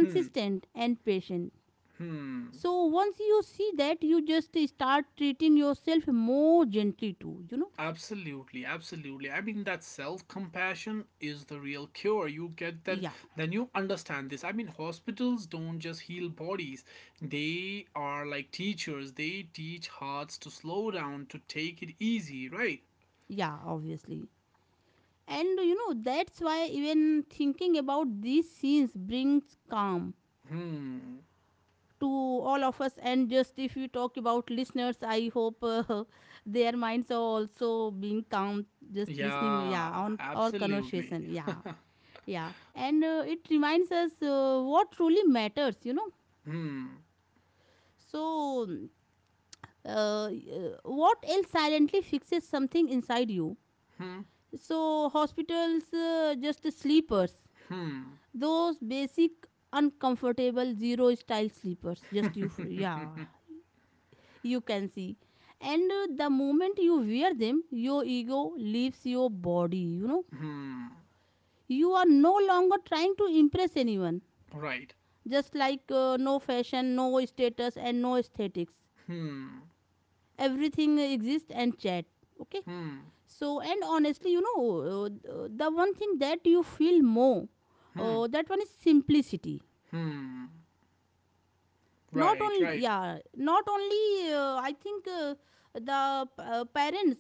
Speaker 2: hmm,
Speaker 1: and patient.
Speaker 2: hmm.
Speaker 1: So once you see that, you just start treating yourself more gently too, you know?
Speaker 2: Absolutely, absolutely. I mean, that self compassion is the real cure. You get that,
Speaker 1: Yeah.
Speaker 2: then you understand this. I mean, hospitals don't just heal bodies, they are like teachers. They teach hearts to slow down, to take it easy, right?
Speaker 1: Yeah, obviously. And you know, that's why even thinking about these scenes brings calm
Speaker 2: Hmm,
Speaker 1: to all of us. And just if we talk about listeners, I hope their minds are also being calm just listening, yeah,
Speaker 2: yeah,
Speaker 1: on our
Speaker 2: absolutely.
Speaker 1: conversation. Yeah, yeah, and it reminds us what truly matters, you know.
Speaker 2: Hmm,
Speaker 1: So uh, uh, what else silently fixes something inside you?
Speaker 2: hmm,
Speaker 1: So hospitals just sleepers, those basic uncomfortable zero style sleepers, just yeah, you can see. And the moment you wear them, your ego leaves your body, you know.
Speaker 2: hmm,
Speaker 1: You are no longer trying to impress anyone,
Speaker 2: right.
Speaker 1: just like, no fashion, no status and no aesthetics.
Speaker 2: Hmm,
Speaker 1: Everything exists and chat, okay.
Speaker 2: hmm.
Speaker 1: So and honestly, you know, uh, the one thing that you feel more,
Speaker 2: Hmm.
Speaker 1: that one is simplicity.
Speaker 2: Hmm.
Speaker 1: Not
Speaker 2: Right,
Speaker 1: only,
Speaker 2: right.
Speaker 1: yeah, not only, I think the parents,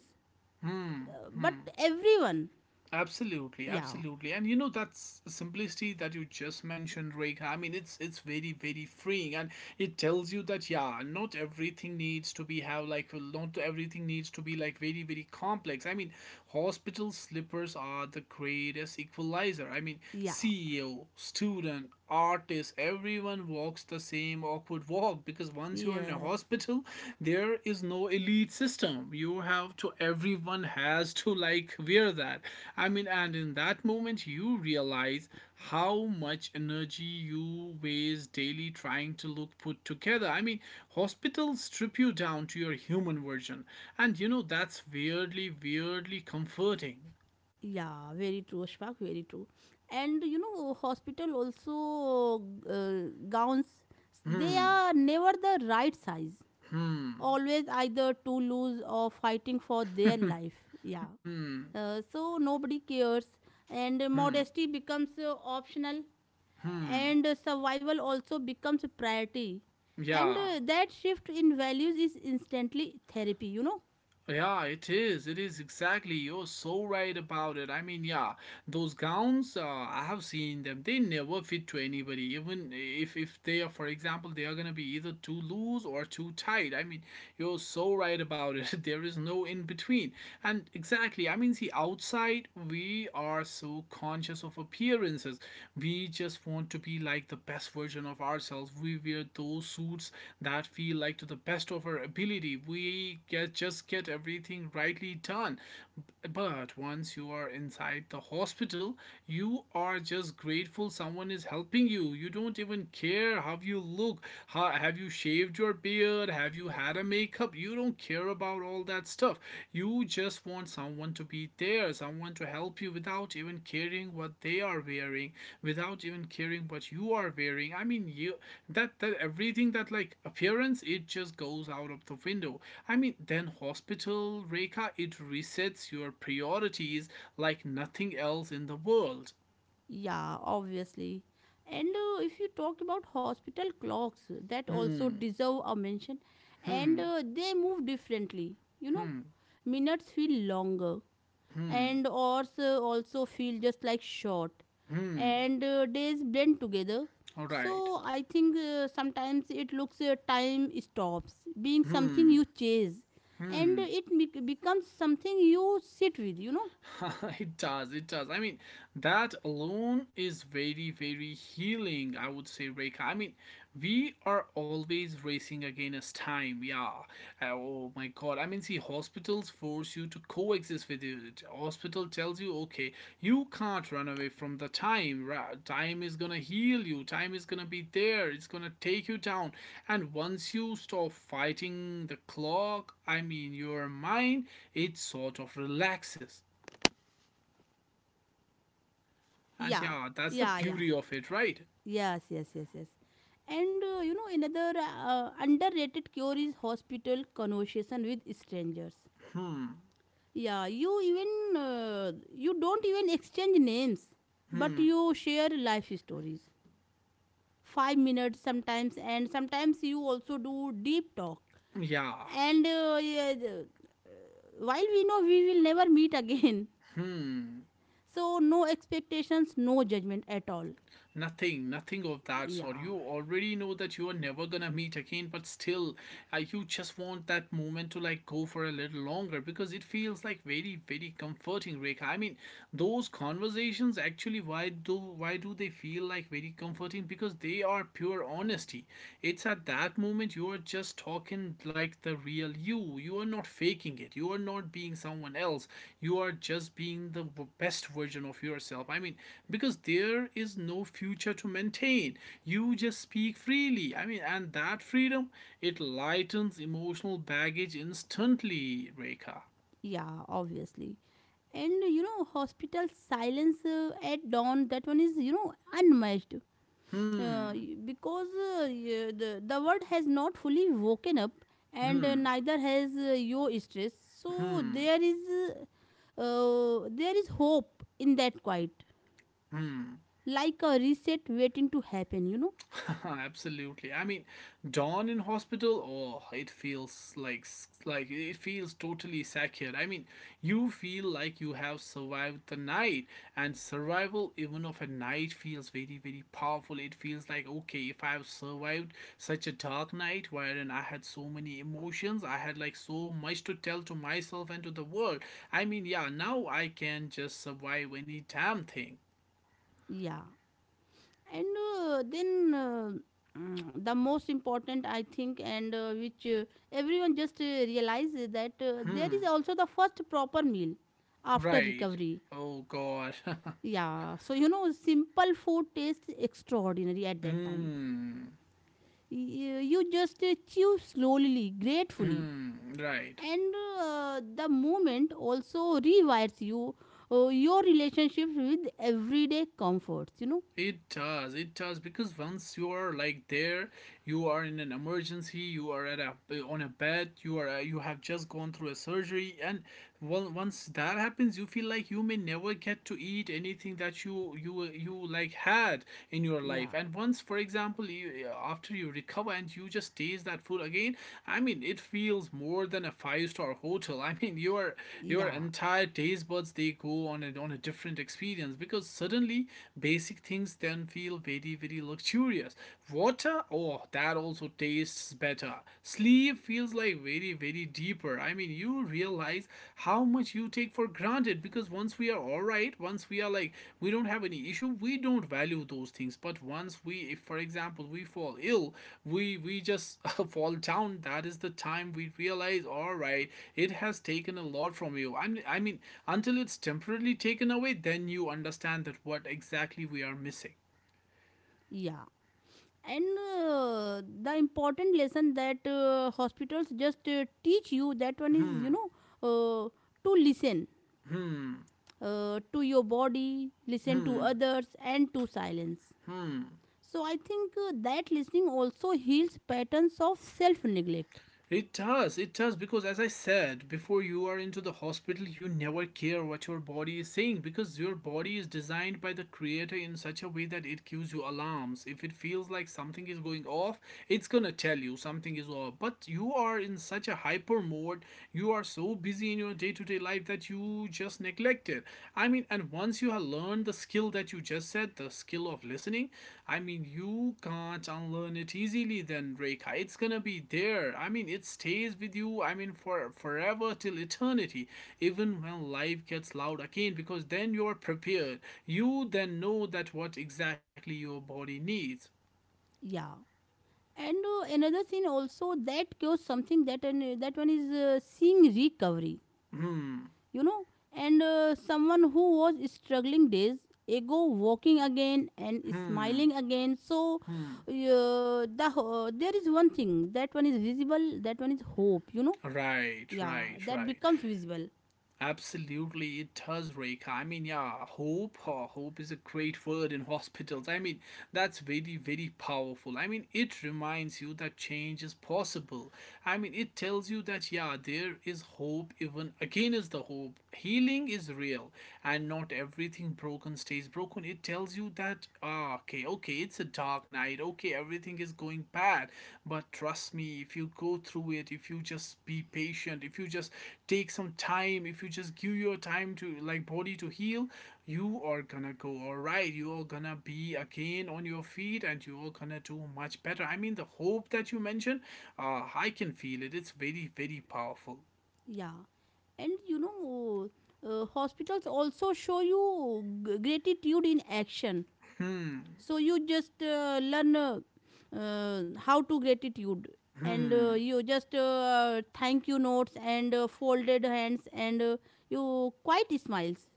Speaker 2: Hmm.
Speaker 1: but everyone.
Speaker 2: Absolutely,
Speaker 1: Yeah.
Speaker 2: absolutely. And you know that's simplicity that you just mentioned, Rekha. I mean, it's very very freeing, and it tells you that yeah, not everything needs to be have like not everything needs to be like very very complex. I mean, hospital slippers are the greatest equalizer. I mean,
Speaker 1: Yeah,
Speaker 2: CEO, student, artist, everyone walks the same awkward walk, all because once you're in a
Speaker 1: yes,
Speaker 2: hospital there is no elite system. You have to, everyone has to like wear that. I mean, and in that moment you realize how much energy you waste daily trying to look put together. I mean, hospitals strip you down to your human version, and you know that's weirdly comforting.
Speaker 1: yeah, very true, Ashfaq, very true. And you know, hospital also gowns, they
Speaker 2: Hmm.
Speaker 1: are never the right size,
Speaker 2: Hmm.
Speaker 1: always either too loose or fighting for their life. Yeah,
Speaker 2: Hmm.
Speaker 1: so nobody cares, and
Speaker 2: Hmm.
Speaker 1: modesty becomes optional,
Speaker 2: Hmm.
Speaker 1: and survival also becomes a priority. And
Speaker 2: Yeah.
Speaker 1: uh, that shift in values is instantly therapy, you know.
Speaker 2: Yeah, it is. It is exactly. You're so right about it. I mean, yeah, those gowns, I have seen them. They never fit to anybody. Even if they are, for example, they are gonna be either too loose or too tight. I mean, you're so right about it. There is no in between. And exactly. I mean, see, outside we are so conscious of appearances. We just want to be like the best version of ourselves. We wear those suits that feel like to the best of our ability. We get just get everything rightly done. But once you are inside the hospital, you are just grateful someone is helping you. You don't even care how you look. How, have you shaved your beard? Have you had a makeup? You don't care about all that stuff. You just want someone to be there, someone to help you without even caring what they are wearing, without even caring what you are wearing. I mean, you that everything that like appearance, it just goes out of the window. I mean, then hospital Reka, it resets your priorities like nothing else in the world.
Speaker 1: Yeah, obviously. And if you talk about hospital clocks, that also
Speaker 2: Hmm.
Speaker 1: deserve a mention. And
Speaker 2: Hmm.
Speaker 1: uh, they move differently, you know.
Speaker 2: Hmm.
Speaker 1: Minutes feel longer,
Speaker 2: Hmm.
Speaker 1: and hours also feel just like short,
Speaker 2: Hmm.
Speaker 1: and days blend together.
Speaker 2: All right.
Speaker 1: So I think sometimes it looks time stops being something
Speaker 2: Hmm.
Speaker 1: you chase, and
Speaker 2: Hmm.
Speaker 1: it becomes something you sit with, you know.
Speaker 2: It does, it does. I mean, that alone is very, very healing, I would say, Reka. I mean, we are always racing against time, yeah. Oh my god. I mean, see, hospitals force you to coexist with it. Hospital tells you, okay, you can't run away from the time. Time is gonna heal you, time is gonna be there, it's gonna take you down. And once you stop fighting the clock, I mean, your mind, it sort of relaxes. And
Speaker 1: Yeah.
Speaker 2: yeah, that's the
Speaker 1: Yeah. Yeah.
Speaker 2: beauty of it, right?
Speaker 1: Yes, yes, yes, yes. And you know, another underrated cure is hospital conversation with strangers. Yeah, you even you don't even exchange names, but you share life stories. 5 minutes sometimes, and sometimes you also do deep talk.
Speaker 2: Yeah.
Speaker 1: And yeah, while we know we will never meet again, so no expectations, no judgment at all.
Speaker 2: Nothing, nothing of that sort.
Speaker 1: Yeah,
Speaker 2: You already know that you are never gonna meet again, but still, you just want that moment to like go for a little longer because it feels like very, very comforting, Rekha. I mean, those conversations actually, why do they feel like very comforting? Because they are pure honesty. It's at that moment you're just talking like the real you. You are not faking it. You are not being someone else. You are just being the best version of yourself. I mean, because there is no future to maintain. You just speak freely. I mean, and that freedom, it lightens emotional baggage instantly, Rekha.
Speaker 1: yeah, obviously. And you know, hospital silence at dawn, that one is, you know, unmatched,
Speaker 2: Hmm.
Speaker 1: uh, because the world has not fully woken up, and neither has your stress. So there is, there is hope in that quiet, like a reset waiting to happen, you know.
Speaker 2: Absolutely. I mean, Dawn in hospital, oh, it feels like it feels totally secured. I mean, you feel like you have survived the night, and survival even of a night feels very very powerful. It feels like okay, if I have survived such a dark night wherein I had so many emotions, I had like so much to tell to myself and to the world. I mean, yeah, now I can just survive any damn thing.
Speaker 1: Yeah, and then the most important, I think, and which everyone just realizes, that there is also the first proper meal after
Speaker 2: Right.
Speaker 1: recovery.
Speaker 2: Oh God.
Speaker 1: Yeah, so you know, simple food tastes extraordinary at that time.
Speaker 2: Mmm.
Speaker 1: You just chew slowly, gratefully,
Speaker 2: Mm, right.
Speaker 1: and the moment also rewires you, your relationships with everyday comforts, you know.
Speaker 2: It does. It does because once you are like there, you are in an emergency. You are at a on a bed. You have just gone through a surgery, and well, once that happens, you feel like you may never get to eat anything that you like had in your life.
Speaker 1: Yeah,
Speaker 2: And once, for example, you, after you recover and you just taste that food again. I mean, it feels more than a five-star hotel. I mean, your
Speaker 1: yeah,
Speaker 2: entire taste buds they go on a different experience because suddenly basic things then feel very very luxurious. Water, oh, that also tastes better. Sleep feels like very very deeper. I mean, you realize how much you take for granted, because once we are all right, once we are like, we don't have any issue, we don't value those things, but once we, if for example we fall ill, we just fall down. That is the time we realize, all right, it has taken a lot from you. I mean, until it's temporarily taken away, then you understand that what exactly we are missing.
Speaker 1: yeah. And the important lesson that hospitals just teach you, that one is, you know, uh, to listen to your body, listen to others and to silence. So I think that listening also heals patterns of self neglect.
Speaker 2: It does, because as I said, before you are into the hospital, you never care what your body is saying, because your body is designed by the creator in such a way that it gives you alarms. If it feels like something is going off, it's gonna tell you something is off. But you are in such a hyper mode, you are so busy in your day to day life that you just neglect it. I mean, and once you have learned the skill that you just said, the skill of listening, I mean, you can't unlearn it easily then, Rekha. It's gonna be there. I mean, it stays with you, I mean, for forever till eternity, even when life gets loud again, because then you're prepared. You then know that what exactly your body needs.
Speaker 1: Yeah. And another thing also that cures something, that that one is seeing recovery, you know. And someone who was struggling days ago, walking again and smiling again. So there is one thing that one is visible, that one is hope, you know.
Speaker 2: Right,
Speaker 1: Yeah,
Speaker 2: right,
Speaker 1: that
Speaker 2: right.
Speaker 1: becomes visible.
Speaker 2: Absolutely, it does, Reka. I mean, yeah, hope is a great word in hospitals. I mean, that's very, very powerful. I mean, it reminds you that change is possible. I mean, it tells you that, yeah, there is hope even against the hope, healing is real, and not everything broken stays broken. It tells you that, okay, okay, it's a dark night, okay, everything is going bad, but trust me, if you go through it, if you just be patient, if you just take some time, if you just give your time to like body to heal, you are gonna go all right, you are gonna be again on your feet, and you are gonna do much better. I mean, the hope that you mentioned, I can feel it. It's very very powerful.
Speaker 1: Yeah, and you know, hospitals also show you gratitude in action. So you just learn how to gratitude, and you just thank you notes, and folded hands, and you quite smiles,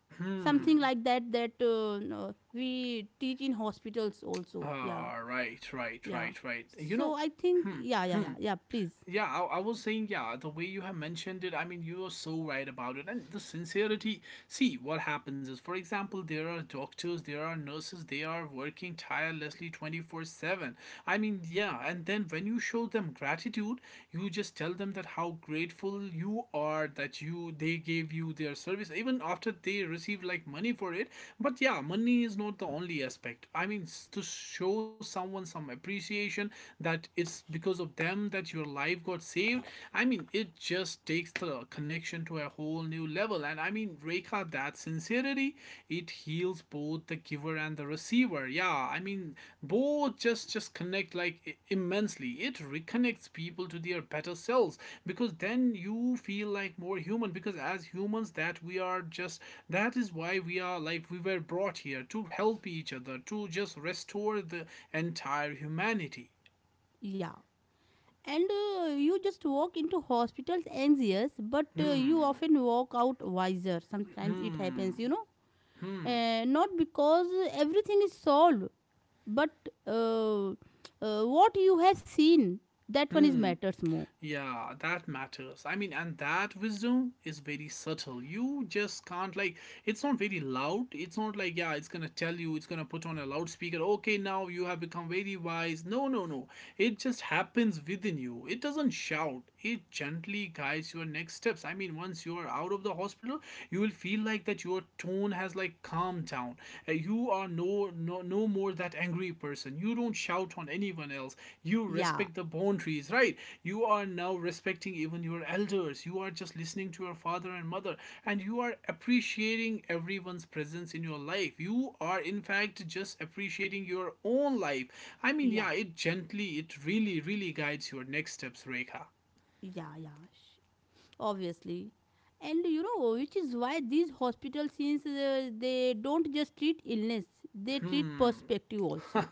Speaker 1: something like that, that no, we teach in hospitals also. Yeah,
Speaker 2: Ah, right, right,
Speaker 1: yeah.
Speaker 2: right, right.
Speaker 1: So I think,
Speaker 2: Hmm,
Speaker 1: yeah, yeah,
Speaker 2: hmm.
Speaker 1: yeah, yeah, please.
Speaker 2: Yeah, I was saying, yeah, the way you have mentioned it, I mean, you are so right about it. And the sincerity, see, what happens is, for example, there are doctors, there are nurses, they are working tirelessly 24/7. I mean, yeah, and then when you show them gratitude, you just tell them that how grateful you are that you they gave you their service, even after they receive like money for it. But yeah, money is not the only aspect. I mean, to show someone some appreciation that it's because of them that your life got saved. I mean, it just takes the connection to a whole new level. And I mean, Rekha, that sincerity, it heals both the giver and the receiver. Yeah, I mean, both just connect like immensely. It reconnects people to their better selves, because then you feel like more human. Because as humans, that we are just, that is why we are like we were brought here to help each other, to just restore the entire humanity.
Speaker 1: Yeah, and you just walk into hospitals anxious, but you often walk out wiser sometimes, it happens, you know. Not because everything is solved, but what you have seen, that one is,
Speaker 2: Mm.
Speaker 1: matters more.
Speaker 2: Yeah, that matters. I mean, and that wisdom is very subtle. You just can't, like, it's not very loud. It's not like, yeah, it's gonna tell you, it's gonna put on a loudspeaker, okay, now you have become very wise. No, no, no. It just happens within you. It doesn't shout, it gently guides your next steps. I mean, once you are out of the hospital, you will feel like that your tone has, like, calmed down. You are no, no, no more that angry person. You don't shout on anyone else. You
Speaker 1: Yeah,
Speaker 2: respect the boundaries, right? You are now respecting even your elders. You are just listening to your father and mother, and you are appreciating everyone's presence in your life. You are, in fact, just appreciating your own life. I mean,
Speaker 1: yeah,
Speaker 2: yeah, it gently, it really, really guides your next steps, Rekha.
Speaker 1: yeah, yeah, obviously. And you know, which is why these hospital scenes, they don't just treat illness, they treat perspective also.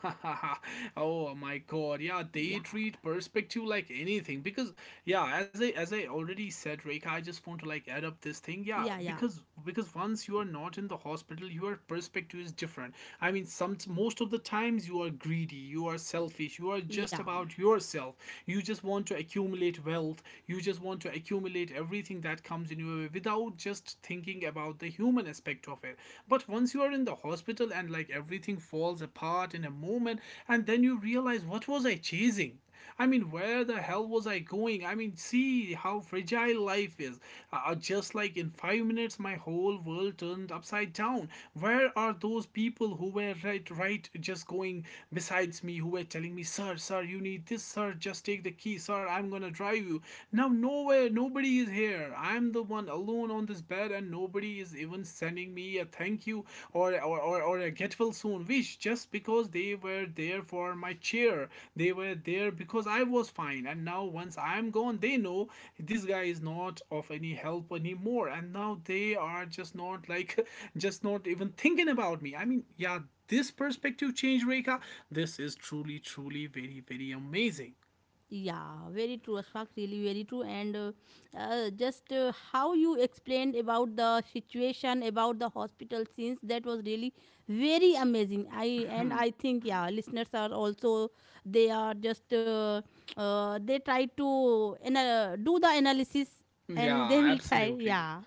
Speaker 2: Oh my God, yeah, they
Speaker 1: Yeah,
Speaker 2: treat perspective like anything, because yeah, as I already said, Rekha, I just want to like add up this thing, yeah,
Speaker 1: yeah, yeah,
Speaker 2: because once you are not in the hospital, your perspective is different. I mean, some most of the times you are greedy, you are selfish, you are
Speaker 1: yeah.
Speaker 2: just about yourself, you just want to accumulate wealth, you just want to accumulate everything that comes in your way without just thinking about the human aspect of it. But once you are in the hospital and like everything falls apart in a moment, and then you realize, what was I chasing? I mean, where the hell was I going? I mean, see how fragile life is. Just like in 5 minutes, my whole world turned upside down. Where are those people who were right, right, just going besides me, who were telling me, sir, sir, you need this, sir, just take the key, sir, I'm gonna drive you. Now, nowhere, nobody is here. I'm the one alone on this bed, and nobody is even sending me a thank you or a get well soon wish, just because they were there for my cheer. They were there because I was fine, and now once I'm gone, they know this guy is not of any help anymore, and now they are just not like just not even thinking about me. I mean, yeah, this perspective change, Reka. This is truly, truly very, very amazing.
Speaker 1: Yeah, very true, Asfaq, really very true. And just how you explained about the situation, about the hospital scenes, that was really very amazing. I and I think, yeah, listeners are also, they are just, they try to do the analysis and they
Speaker 2: Yeah,
Speaker 1: will try,
Speaker 2: absolutely.
Speaker 1: yeah,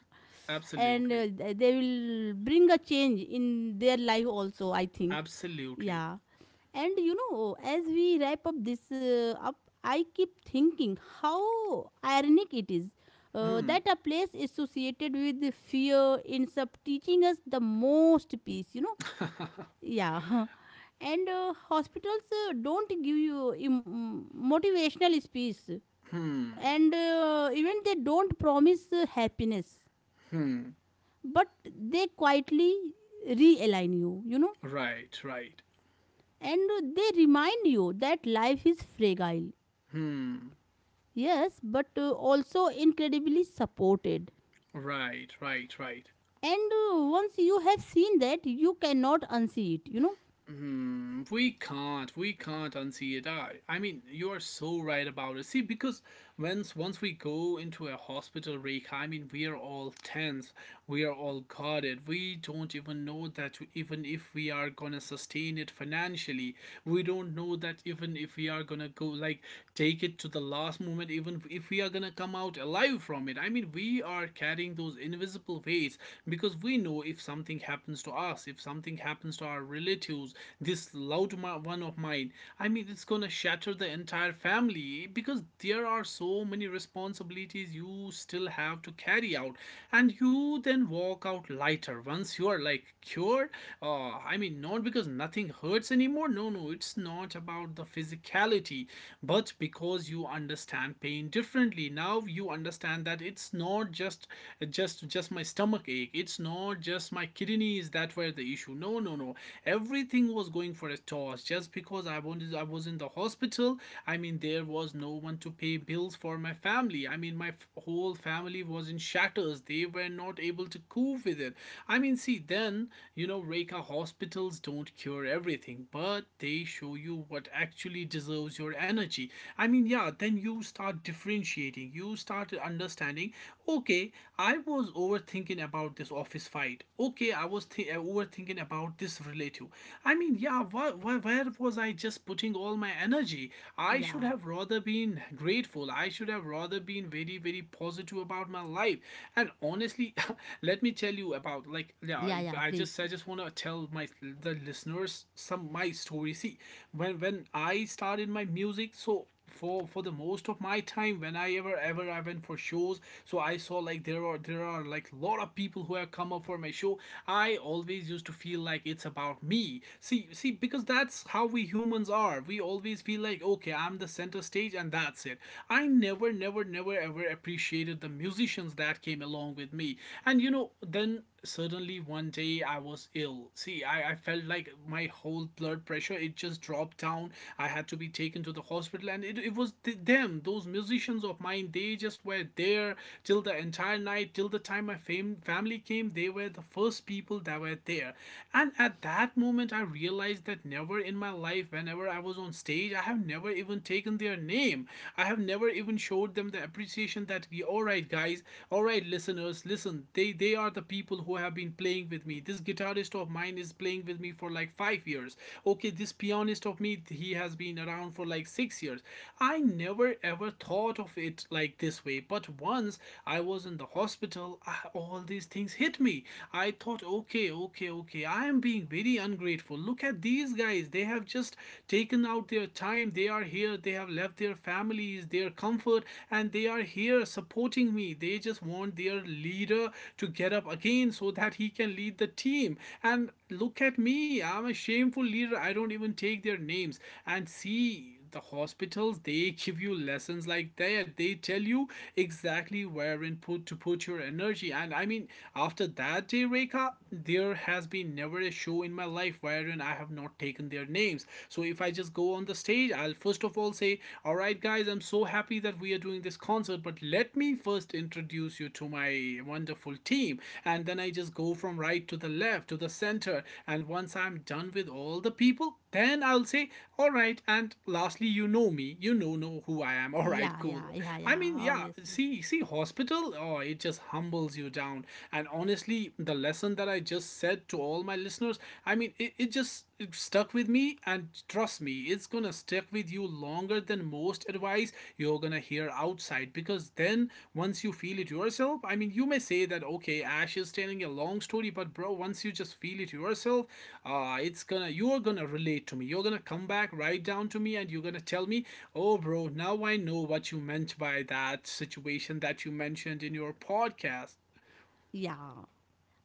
Speaker 1: and
Speaker 2: Absolutely.
Speaker 1: uh, th- they will bring a change in their life also, I think.
Speaker 2: Absolutely.
Speaker 1: Yeah. And you know, as we wrap up this I keep thinking how ironic it is that a place associated with fear ends up teaching us the most peace, you know. Yeah, and hospitals don't give you motivational speech, and even they don't promise happiness, but they quietly realign you, you know,
Speaker 2: Right, right,
Speaker 1: and they remind you that life is fragile. Yes, but also incredibly supported.
Speaker 2: right, right, right.
Speaker 1: And once you have seen that, you cannot unsee it, you know?
Speaker 2: Mm, we can't unsee it. I mean, you are so right about it. See, because once we go into a hospital, Rick, I mean, we are all tense, we are all guarded. We don't even know that even if we are gonna sustain it financially, we don't know that even if we are gonna go like take it to the last moment, even if we are gonna come out alive from it. I mean, we are carrying those invisible weights, because we know if something happens to us, if something happens to our relatives, this loud one of mine. I mean, it's gonna shatter the entire family because there are so many responsibilities you still have to carry out, and you then walk out lighter once you are like cured. I mean, not because nothing hurts anymore. No, no, it's not about the physicality, but because you understand pain differently. Now you understand that it's not just my stomach ache. It's not just my kidneys that were the issue. No, no, no. Everything was going for a toss just because I was in the hospital. I mean, there was no one to pay bills for my family. I mean, my whole family was in shatters. They were not able to cope with it. I mean, see, then Reka, hospitals don't cure everything, but they show you what actually deserves your energy. I mean, yeah, then you start differentiating. You start understanding. Okay, I was overthinking about this office fight. Okay, I was overthinking about this relative. I mean, yeah, where was I just putting all my energy? I should
Speaker 1: Yeah,
Speaker 2: have rather been grateful. I should have rather been very, very positive about my life. And honestly, let me tell you about like yeah,
Speaker 1: yeah, yeah, please.
Speaker 2: I just want to tell my the listeners some my story. See, when I started my music, so for the most of my time, when whenever ever ever I went for shows, so I saw, like, there are like a lot of people who have come up for my show. I always used to feel like it's about me. See, because that's how we humans are. We always feel like, okay, I'm the center stage, and that's it. I never ever appreciated the musicians that came along with me. And you know, then suddenly one day I was ill. See, I felt like my whole blood pressure, it just dropped down. I had to be taken to the hospital, and it was th- them those musicians of mine, they just were there till the entire night, till the time my family came. They were the first people that were there. And at that moment I realized that never in my life, whenever I was on stage, I have never even taken their name. I have never even showed them the appreciation that we— all right guys, all right listeners, listen, they are the people who have been playing with me. This guitarist of mine is playing with me for like 5 years. Okay, this pianist of me, he has been around for like 6 years. I never ever thought of it like this way. But once I was in the hospital, all these things hit me. I thought, okay, I am being very ungrateful. Look at these guys, they have just taken out their time, they are here, they have left their families, their comfort, and they are here supporting me. They just want their leader to get up again so that he can lead the team. And look at me, I'm a shameful leader. I don't even take their names. And see, the hospitals, they give you lessons like that. They tell you exactly where in put to put your energy. And I mean, after that day, Rekha, there has been never a show in my life wherein I have not taken their names games. So if I just go on the stage, I'll first of all say, all right guys, I'm so happy that we are doing this concert, but let me first introduce you to my wonderful team. And then I just go from right to the left to the center, and once I'm done with all the people, then I'll say, all right, and lastly, you know me, you know who I am. All right,
Speaker 1: Yeah, yeah,
Speaker 2: cool.
Speaker 1: yeah,
Speaker 2: I
Speaker 1: yeah,
Speaker 2: mean, yeah,
Speaker 1: obviously.
Speaker 2: see, hospital, oh, it just humbles you down. And honestly, the lesson that I just said to all my listeners. I mean, it stuck with me, and trust me, it's gonna stick with you longer than most advice you're gonna hear outside. Because then once you feel it yourself, I mean, you may say that, okay, Ash is telling a long story, but bro, once you just feel it yourself, it's gonna you're gonna relate to me. You're gonna come back right down to me, and you're gonna tell me, oh, bro, now I know what you meant by that situation that you mentioned in your podcast.
Speaker 1: Yeah.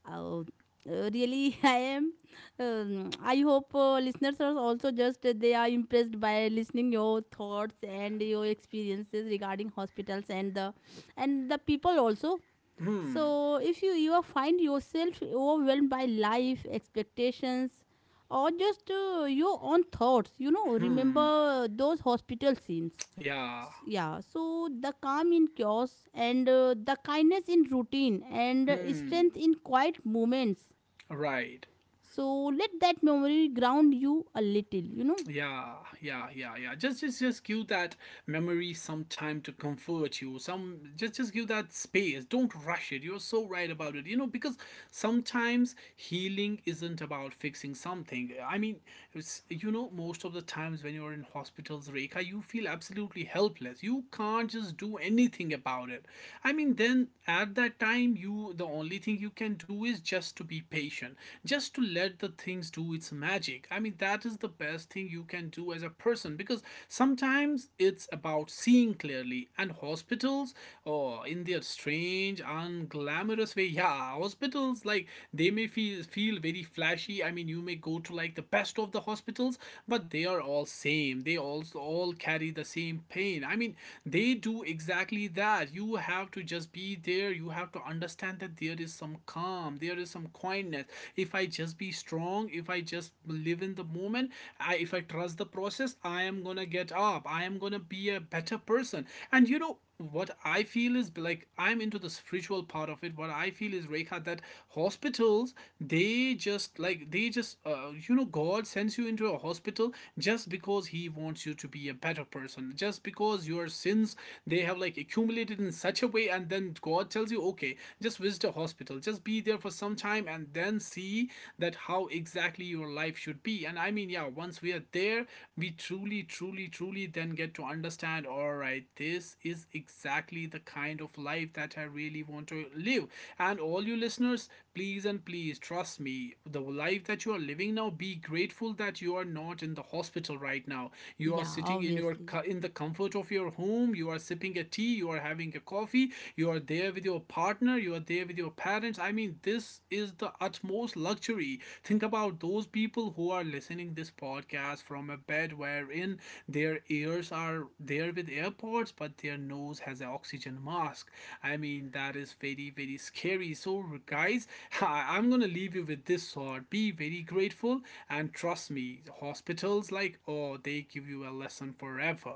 Speaker 1: Oh, really, I am. I hope listeners are also just they are impressed by listening your thoughts and your experiences regarding hospitals and the people also.
Speaker 2: Hmm,
Speaker 1: So if you you are find yourself overwhelmed by life expectations or just your own thoughts, you know,
Speaker 2: hmm,
Speaker 1: remember those hospital scenes.
Speaker 2: yeah,
Speaker 1: Yeah, so the calm in chaos, and the kindness in routine, and
Speaker 2: hmm.
Speaker 1: strength in quiet moments.
Speaker 2: Right.
Speaker 1: So let that memory ground you a little, you know.
Speaker 2: Yeah, yeah, yeah, yeah. Just give that memory some time to comfort you. Some, just give that space. Don't rush it. You're so right about it. You know, because sometimes healing isn't about fixing something. I mean, it's most of the times when you're in hospitals, Rekha, you feel absolutely helpless. You can't just do anything about it. I mean, then at that time, you the only thing you can do is just to be patient. Just to let the things science do its magic. I mean, that is the best thing you can do as a person. Because sometimes it's about seeing clearly. And hospitals, oh, in their strange, unglamorous way, yeah, hospitals like they may feel very flashy. I mean, you may go to like the best of the hospitals, but they are all same. They also all carry the same pain. I mean, they do exactly that. You have to just be there. You have to understand that there is some calm. There is some kindness if I just be strong, if I just live in the moment, if I trust the process, I am gonna get up, I am gonna be a better person. And you know what I feel is like, I'm into the spiritual part of it. What I feel is, Rekha, that hospitals, they just God sends you into a hospital just because He wants you to be a better person, just because your sins, they have like accumulated in such a way, and then God tells you, okay, just visit a hospital, just be there for some time, and then see that how exactly your life should be. And I mean, yeah, once we are there, we truly then get to understand, all right, this is exactly the kind of life that I really want to live. And all you listeners, please and please, trust me, the life that you are living now, be grateful that you are not in the hospital right now. You are
Speaker 1: Yeah,
Speaker 2: sitting
Speaker 1: obviously.
Speaker 2: in the comfort of your home, you are sipping a tea, you are having a coffee, you are there with your partner, you are there with your parents. I mean, this is the utmost luxury. Think about those people who are listening this podcast from a bed wherein their ears are there with AirPods, but their nose has an oxygen mask. I mean, that is very, very scary. So, guys, I'm gonna leave you with this thought. Be very grateful, and trust me, hospitals like, oh, they give you a lesson forever.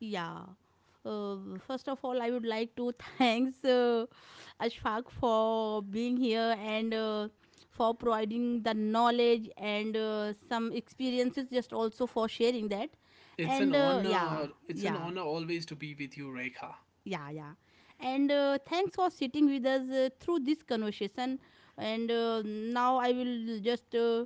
Speaker 1: Yeah. First of all, I would like to thanks Ashfaq for being here, and for providing the knowledge and some experiences, just also for sharing that.
Speaker 2: It's an
Speaker 1: And yeah,
Speaker 2: honor. It's an
Speaker 1: yeah,
Speaker 2: honor always to be with you, Rekha.
Speaker 1: yeah, yeah, and thanks for sitting with us through this conversation, and now I will just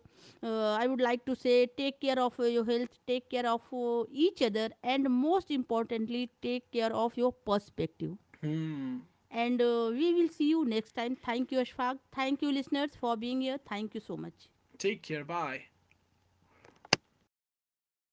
Speaker 1: I would like to say, take care of your health, take care of each other, and most importantly, take care of your perspective.
Speaker 2: Hmm.
Speaker 1: And we will see you next time. Thank you, Ashfaq. Thank you, listeners, for being here. Thank you so much.
Speaker 2: Take care. Bye.